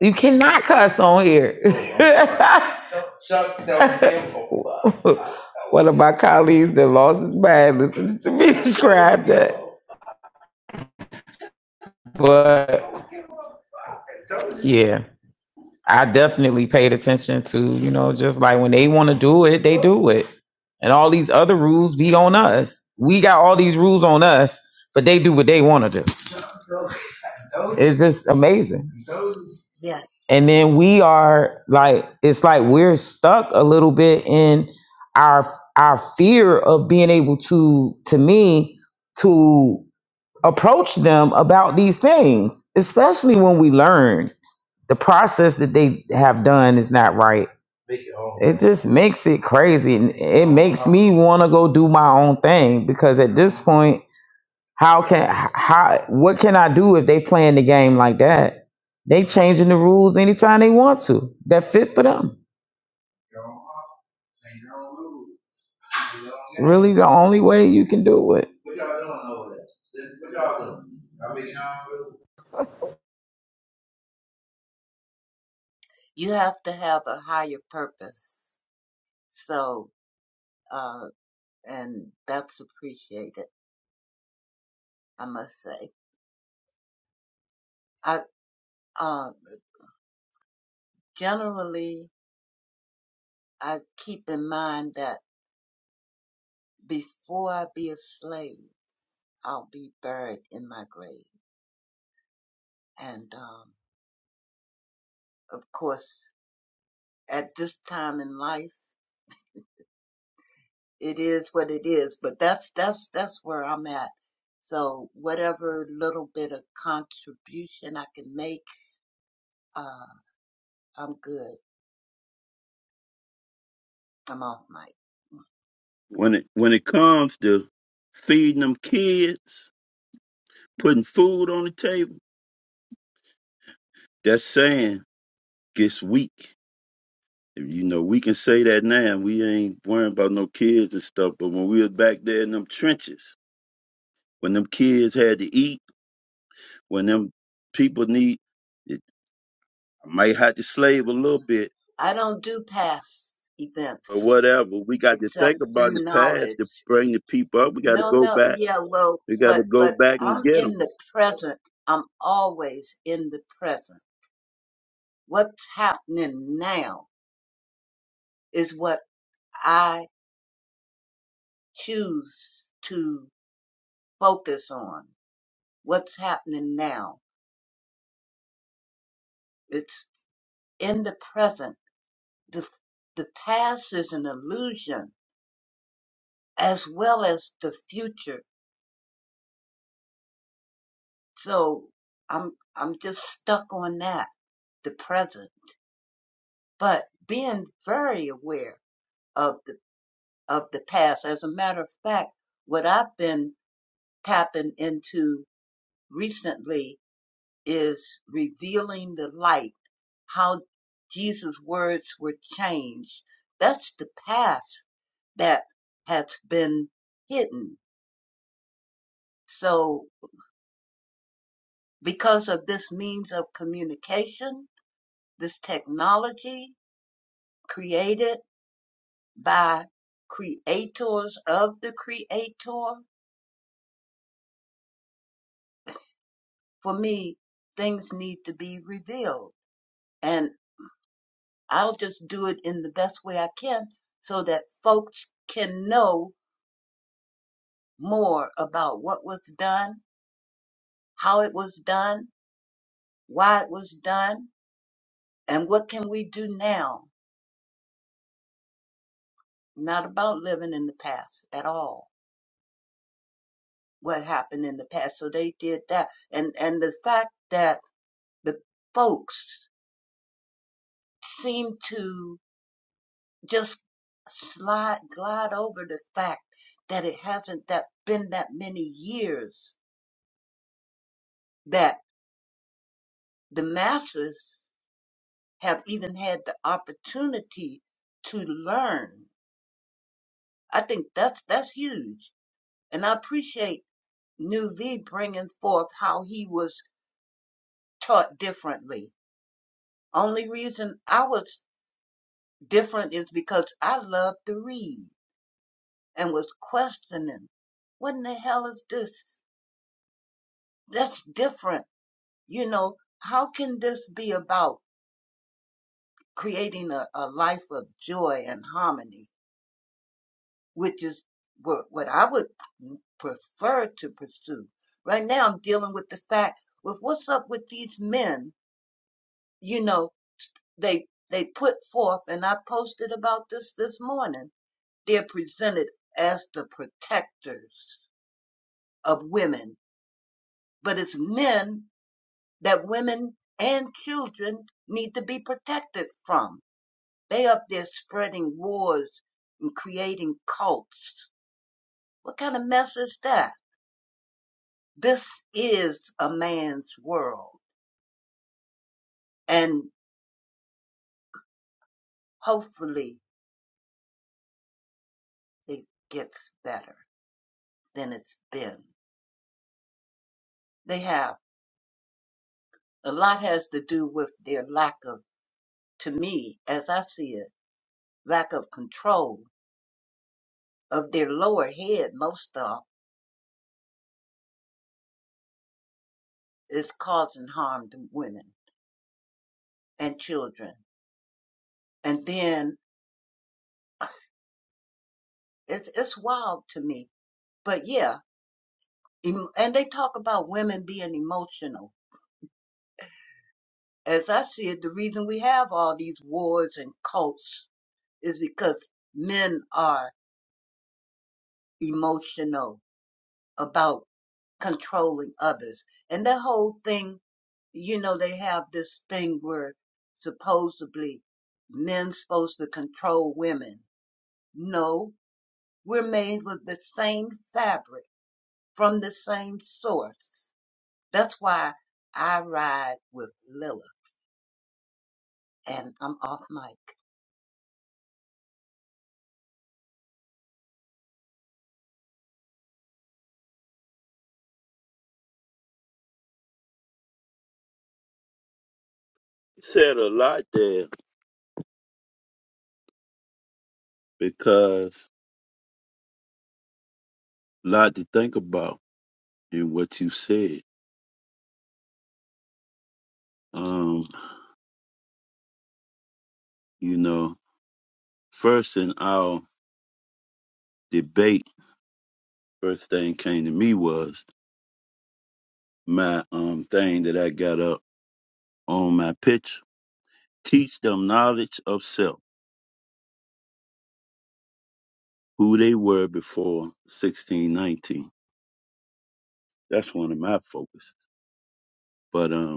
[SPEAKER 4] you cannot cuss on here. One of my colleagues that lost his mind listening to me describe that. But yeah. I definitely paid attention to, you know, just like when they want to do it, they do it. And all these other rules be on us. We got all these rules on us, but they do what they want to do. It's just amazing.
[SPEAKER 5] Yes.
[SPEAKER 4] And then we are like, it's like we're stuck a little bit in our our fear of being able to, to me, to approach them about these things, especially when we learn. The process that they have done is not right. It just makes it crazy, and it makes me want to go do my own thing because at this point, how can how what can I do if they playing the game like that? They changing the rules anytime they want to that fit for them. It's really the only way you can do it.
[SPEAKER 5] You have to have a higher purpose. So, uh, and that's appreciated, I must say. I, uh, generally, I keep in mind that before I be a slave, I'll be buried in my grave. And, um, of course, at this time in life, it is what it is. But that's that's that's where I'm at. So whatever little bit of contribution I can make, uh, I'm good. I'm off mic.
[SPEAKER 2] When it when it comes to feeding them kids, putting food on the table, that saying gets weak. You know, we can say that now. We ain't worrying about no kids and stuff. But when we was back there in them trenches, when them kids had to eat, when them people need, it might have to slave a little bit
[SPEAKER 5] I don't do past
[SPEAKER 2] or
[SPEAKER 5] events
[SPEAKER 2] whatever. We got to
[SPEAKER 5] except
[SPEAKER 2] think about the
[SPEAKER 5] through
[SPEAKER 2] past to
[SPEAKER 5] knowledge.
[SPEAKER 2] bring the people up. We got to
[SPEAKER 5] No,
[SPEAKER 2] go
[SPEAKER 5] no,
[SPEAKER 2] back.
[SPEAKER 5] yeah, well,
[SPEAKER 2] We got
[SPEAKER 5] but
[SPEAKER 2] to go
[SPEAKER 5] but
[SPEAKER 2] back and
[SPEAKER 5] I'm
[SPEAKER 2] get
[SPEAKER 5] in
[SPEAKER 2] them.
[SPEAKER 5] the present. I'm always in the present. What's happening now is what I choose to focus on what's happening now. It's in the present. The, the past is an illusion as well as the future. So I'm, I'm just stuck on that, the present, but being very aware of the, of the past. As a matter of fact, what I've been tapping into recently is revealing the light, how Jesus' words were changed. That's the past that has been hidden. So, because of this means of communication, this technology created by creators of the creator, for me, things need to be revealed. And I'll just do it in the best way I can so that folks can know more about what was done, how it was done, why it was done, and what can we do now not about living in the past at all what happened in the past so they did that and and the fact that the folks seem to just slide glide over the fact that it hasn't that been that many years that the masses have even had the opportunity to learn i think that's that's huge and i appreciate new v bringing forth how he was taught differently Only reason I was different is because I loved to read and was questioning. What in the hell is this? That's different. You know, how can this be about creating a, a life of joy and harmony, which is what, what I would prefer to pursue? Right now, I'm dealing with the fact with what's up with these men. You know, they they put forth, and I posted about this this morning they're presented as the protectors of women, but it's men that women and children need to be protected from. They up there spreading wars and creating cults. What kind of mess is that? This is a man's world, and hopefully it gets better than it's been. They have a lot has to do with their lack of, to me, as I see it, lack of control of their lower head, most of, is causing harm to women and children. And then it's it's wild to me. But yeah, and they talk about women being emotional. As I see it, the reason we have all these wars and cults is because men are emotional about controlling others. And that whole thing, you know, they have this thing where supposedly men's supposed to control women. No, We're made with the same fabric from the same source. That's why I ride with Lilith and I'm off mic.
[SPEAKER 2] Said a lot there because a lot to think about in what you said. Um, you know, first in our debate, first thing came to me was my um thing that I got up on my picture. Teach them knowledge of self, who they were before 1619. That's one of my focuses. But um.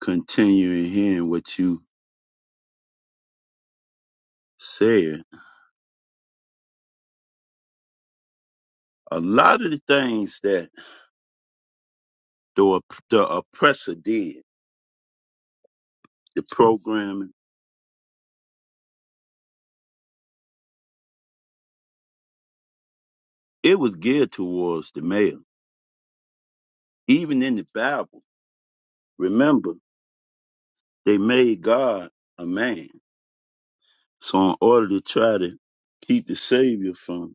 [SPEAKER 2] continuing hearing what you said. A lot of the things that the, op- the oppressor did, the programming, it was geared towards the male. Even in the Bible, remember, they made God a man. So in order to try to keep the Savior from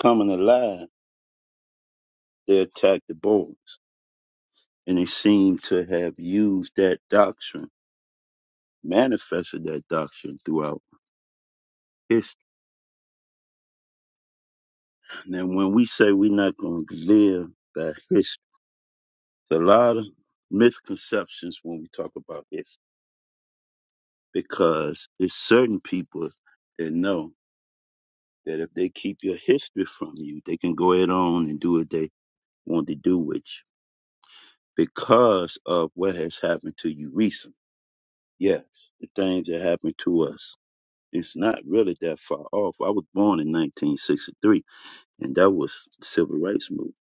[SPEAKER 2] coming alive, they attacked the boys. And they seem to have used that doctrine, manifested that doctrine throughout history. Now, when we say we're not going to live by history, there's a lot of misconceptions when we talk about history because it's certain people that know that if they keep your history from you, they can go ahead on and do what they want to do with you because of what has happened to you recently. Yes, the things that happened to us. It's not really that far off. I was born in 1963, and that was the civil rights movement.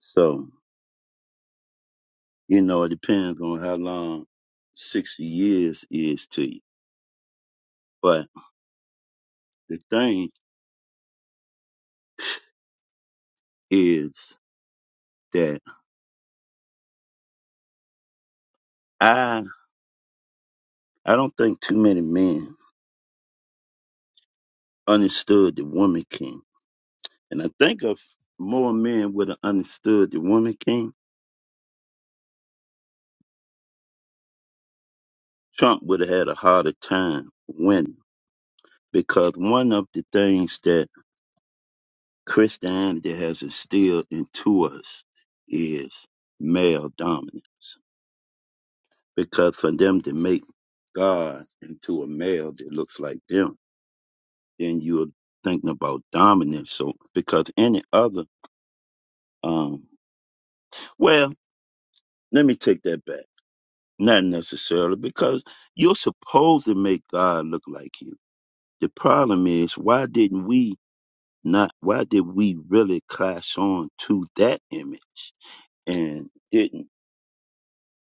[SPEAKER 2] So You know, it depends on how long 60 years is to you. But the thing is that I I don't think too many men understood the woman king. And I think if more men would have understood the woman king, Trump would have had a harder time winning. Because one of the things that Christianity has instilled into us is male dominance. Because for them to make God into a male that looks like them, then you're thinking about dominance. So because any other, um, well, let me take that back. Not necessarily because you're supposed to make God look like you. The problem is why didn't we not? Why did we really clash on to that image and didn't?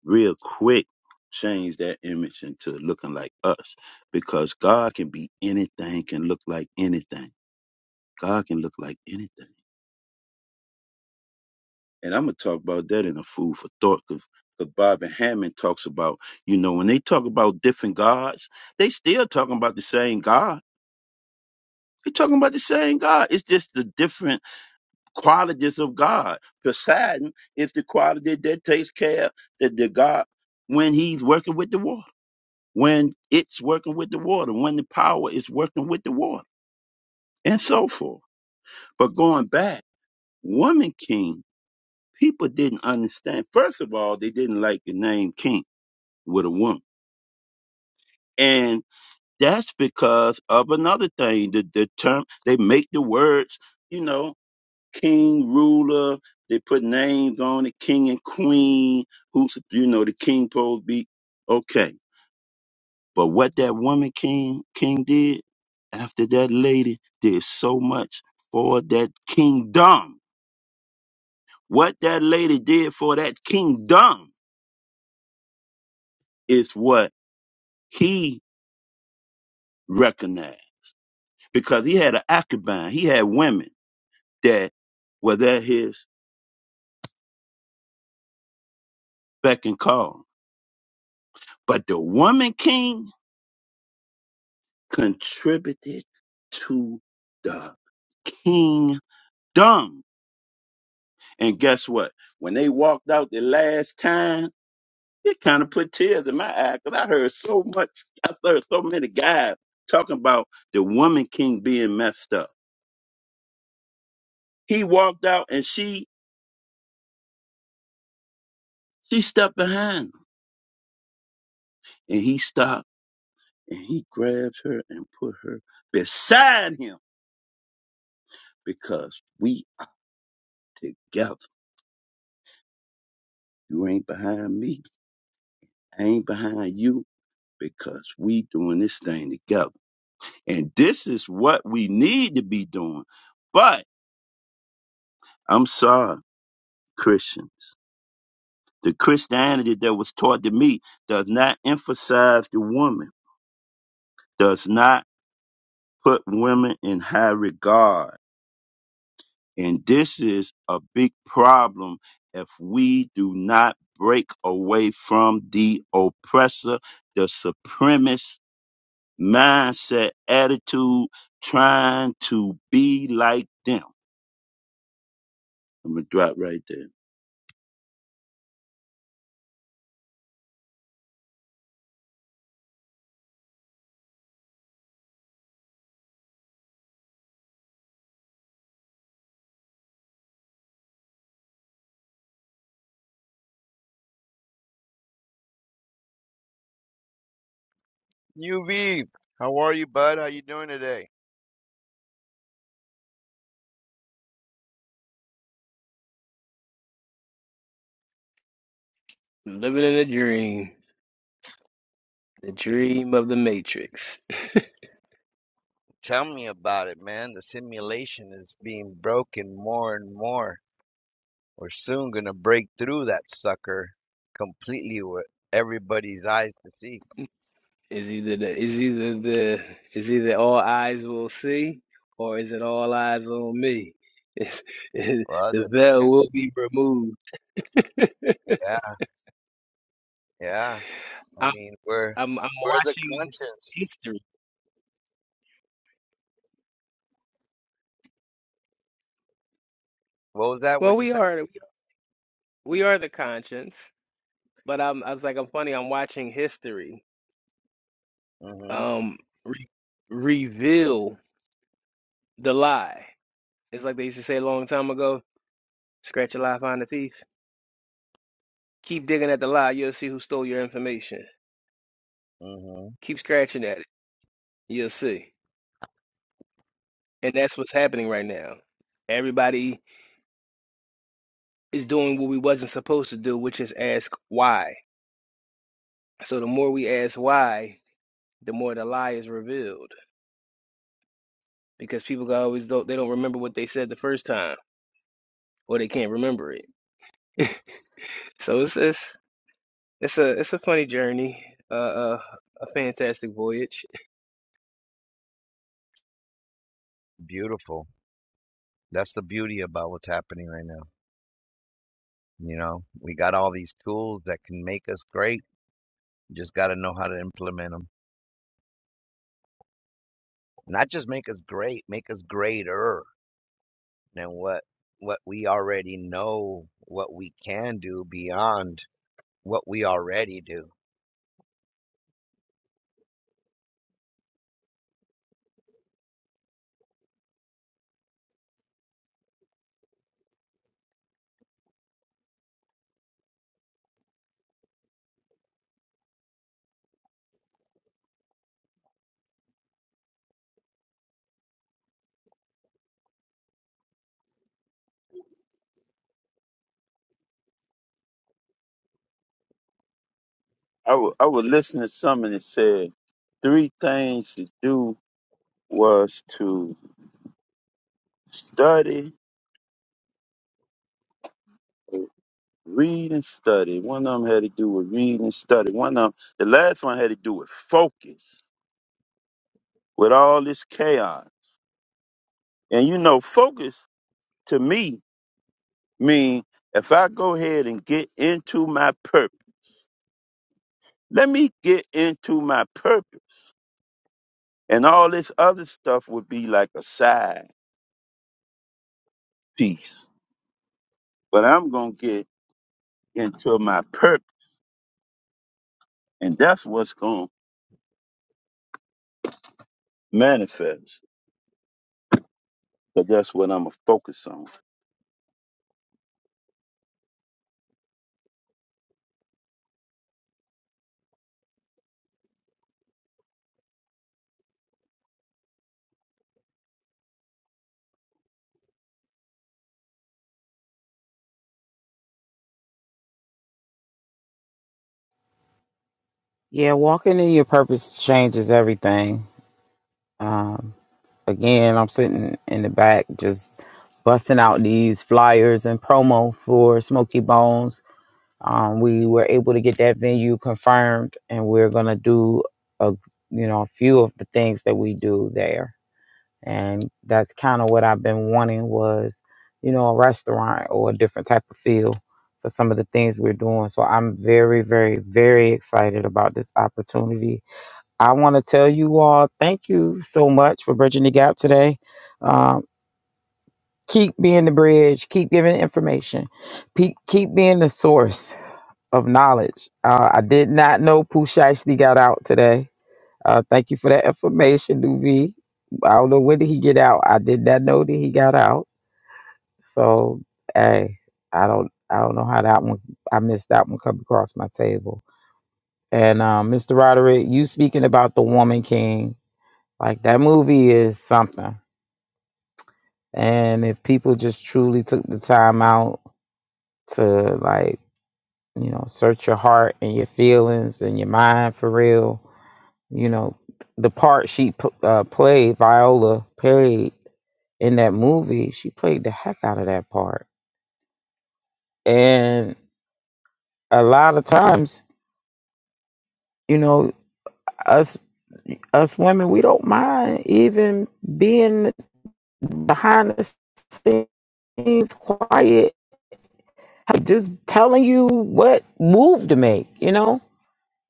[SPEAKER 2] real quick change that image into looking like us because God can be anything, can look like anything. God can look like anything. And I'm going to talk about that in a food for thought because Bob and Hammond talks about, you know, when they talk about different gods, they still talking about the same God. They're talking about the same God. It's just the different qualities of God. Poseidon is the quality that takes care that the the God when he's working with the water. when it's working with the water, when the power is working with the water, and so forth. But going back, woman king, people didn't understand. First of all, they didn't like the name king with a woman. And that's because of another thing. The, the term, they make the words, you know, king, ruler, they put names on it, king and queen, who's, you know, the king supposed to be. Okay But what that woman king king did after that lady did so much for that kingdom. What that lady did for that kingdom is what he recognized because he had an concubine. He had women that were at his beck and call. But the woman king contributed to the kingdom. And guess what? When they walked out the last time, it kind of put tears in my eye because I heard so much. I heard so many guys talking about the woman king being messed up. He walked out and she she stepped behind him and he stopped and he grabbed her and put her beside him because we are together. You ain't behind me. I ain't behind you because we doing this thing together. And this is what we need to be doing. But I'm sorry, Christian. The Christianity that was taught to me does not emphasize the woman, does not put women in high regard. And this is a big problem if we do not break away from the oppressor, the supremacist mindset, attitude, trying to be like them. I'm going to drop right there.
[SPEAKER 7] UV, how are you, bud? How you doing today?
[SPEAKER 6] Living in a dream. The dream of the matrix.
[SPEAKER 7] Tell me about it, man. The simulation is being broken more and more. We're soon gonna break through that sucker completely with everybody's eyes to see.
[SPEAKER 6] Is either the is either the is either all eyes will see or is it all eyes on me? It's, it,
[SPEAKER 7] Well, it
[SPEAKER 6] the veil
[SPEAKER 7] depends.
[SPEAKER 6] will be removed.
[SPEAKER 7] Yeah, yeah. I
[SPEAKER 6] I'm
[SPEAKER 7] mean, we're
[SPEAKER 6] I'm I'm
[SPEAKER 7] we're the
[SPEAKER 6] watching
[SPEAKER 7] conscience.
[SPEAKER 6] history.
[SPEAKER 7] What was that?
[SPEAKER 6] Well,
[SPEAKER 7] What'd you
[SPEAKER 6] we
[SPEAKER 7] say?
[SPEAKER 6] are we are the conscience, but I'm I was like I'm funny. I'm watching history
[SPEAKER 7] Mm-hmm.
[SPEAKER 6] um re reveal the lie. It's like they used to say a long time ago: scratch a lie, find a thief. Keep digging at the lie, you'll see who stole your information.
[SPEAKER 7] Mm-hmm.
[SPEAKER 6] Keep scratching at it, you'll see. And that's what's happening right now. Everybody is doing what we wasn't supposed to do, which is ask why. So the more we ask why, the more the lie is revealed because people go always don't they don't remember what they said the first time or they can't remember it. so it's it's it's a it's a funny journey, uh, uh, a fantastic voyage.
[SPEAKER 7] Beautiful. That's the beauty about what's happening right now. You know, we got all these tools that can make us great. Just got to know how to implement them. Not just make us great, make us greater than what what we already know, what we can do beyond what we already do.
[SPEAKER 2] I wa- I was listening to something that said three things to do was to study, read and study. One of them had to do with reading and study. One of them, the last one had to do with focus with all this chaos. And you know, focus to me mean if I go ahead and get into my purpose, let me get into my purpose. And all this other stuff would be like a side piece. But I'm going to get into my purpose. And that's what's going to manifest. But that's what I'm going to focus on.
[SPEAKER 4] Yeah, walking in your purpose changes everything. Um. Again, I'm sitting in the back just busting out these flyers and promo for Smoky Bones. Um, we were able to get that venue confirmed, and we're gonna do a you know a few of the things that we do there, and that's kind of what I've been wanting was you know a restaurant or a different type of feel for some of the things we're doing. So I'm very, very, very excited about this opportunity I want to tell you all thank you so much for bridging the gap today. Um, keep being the bridge, keep giving information, keep, keep being the source of knowledge. Uh, I did not know Pooh Shiesty got out today. Uh, thank you for that information, Nuvi. I don't know when did he get out. I did not know that he got out. So hey, I don't I don't know how that one I missed that one come across my table. And um, Mr. Roderick, you speaking about the woman king. Like that movie is something. And if people just truly took the time out to like, you know, search your heart and your feelings and your mind for real, you know, the part she p- uh, played, Viola played in that movie, she played the heck out of that part. And a lot of times, you know, us us women, we don't mind even being behind the scenes quiet I'm just telling you what move to make, you know.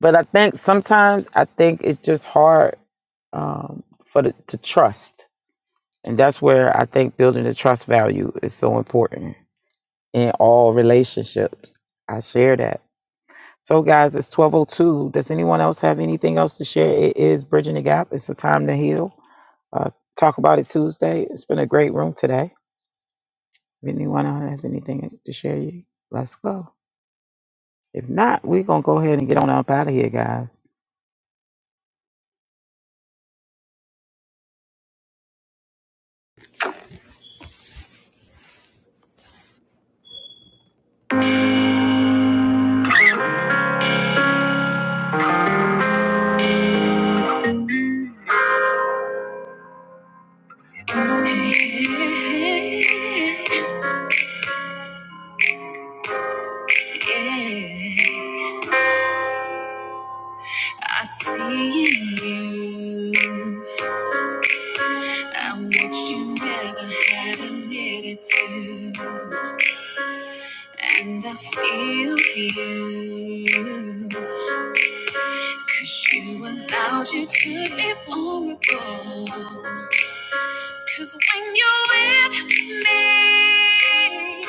[SPEAKER 4] But I think sometimes I think it's just hard um, for the, to trust, and that's where I think building the trust value is so important in all relationships. I share that. So, guys, it's twelve oh two. Does anyone else have anything else to share? It is bridging the gap. It's a time to heal. Uh, talk about it Tuesday. It's been a great room today. If anyone else has anything to share, you let's go. If not, we're going to go ahead and get on up out of here, guys.
[SPEAKER 3] Hey, yeah, I see in you. I'm what you never had admitted to. And I feel you, 'cause you allowed you to be vulnerable. 'Cause when you're with me,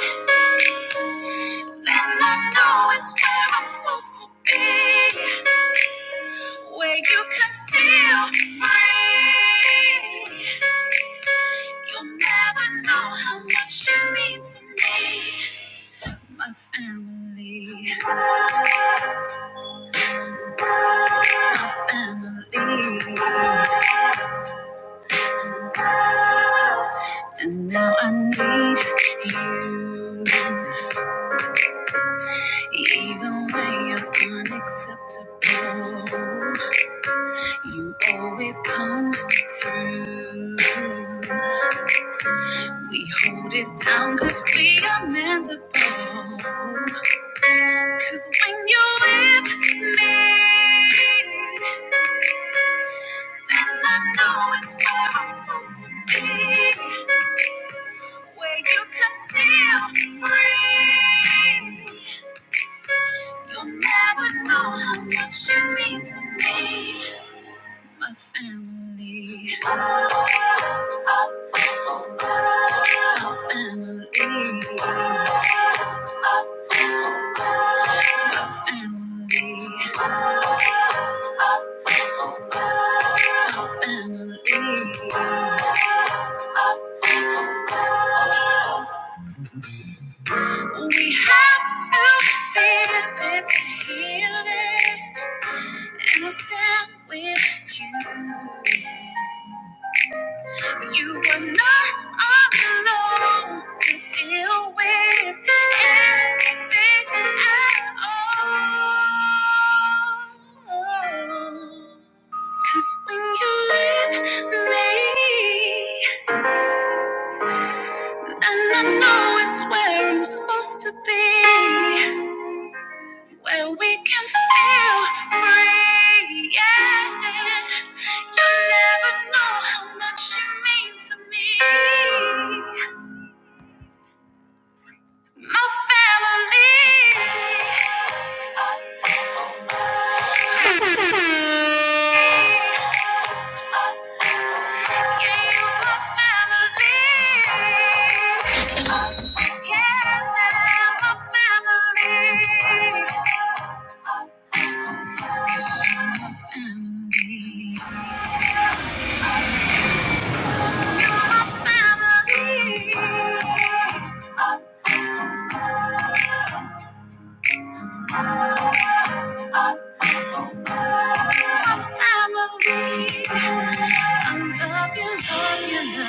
[SPEAKER 3] then I know it's where I'm supposed to be. Where you can feel free. You'll never know how much you mean to me. Now I need you even more. You always come through. We hold it down cause we are meant to bond. Cause when you're with me, then I know it's where I'm supposed to be. Where you can feel free. You'll never know how much you mean to me, my family. My family, my family, my family. We have to feel it to heal it. And I stand with you. You were not alone to deal with anything at all. Cause when you're with me, and I know it's where I'm supposed to be, where we can feel free. Yeah. You never know how much you mean to me. my family. Family. I love you, love you, love you.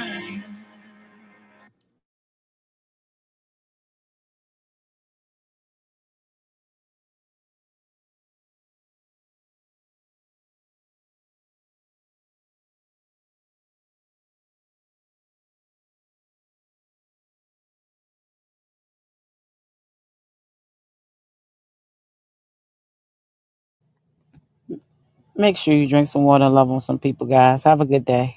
[SPEAKER 4] Make sure you drink some water and love on some people, guys. Have a good day.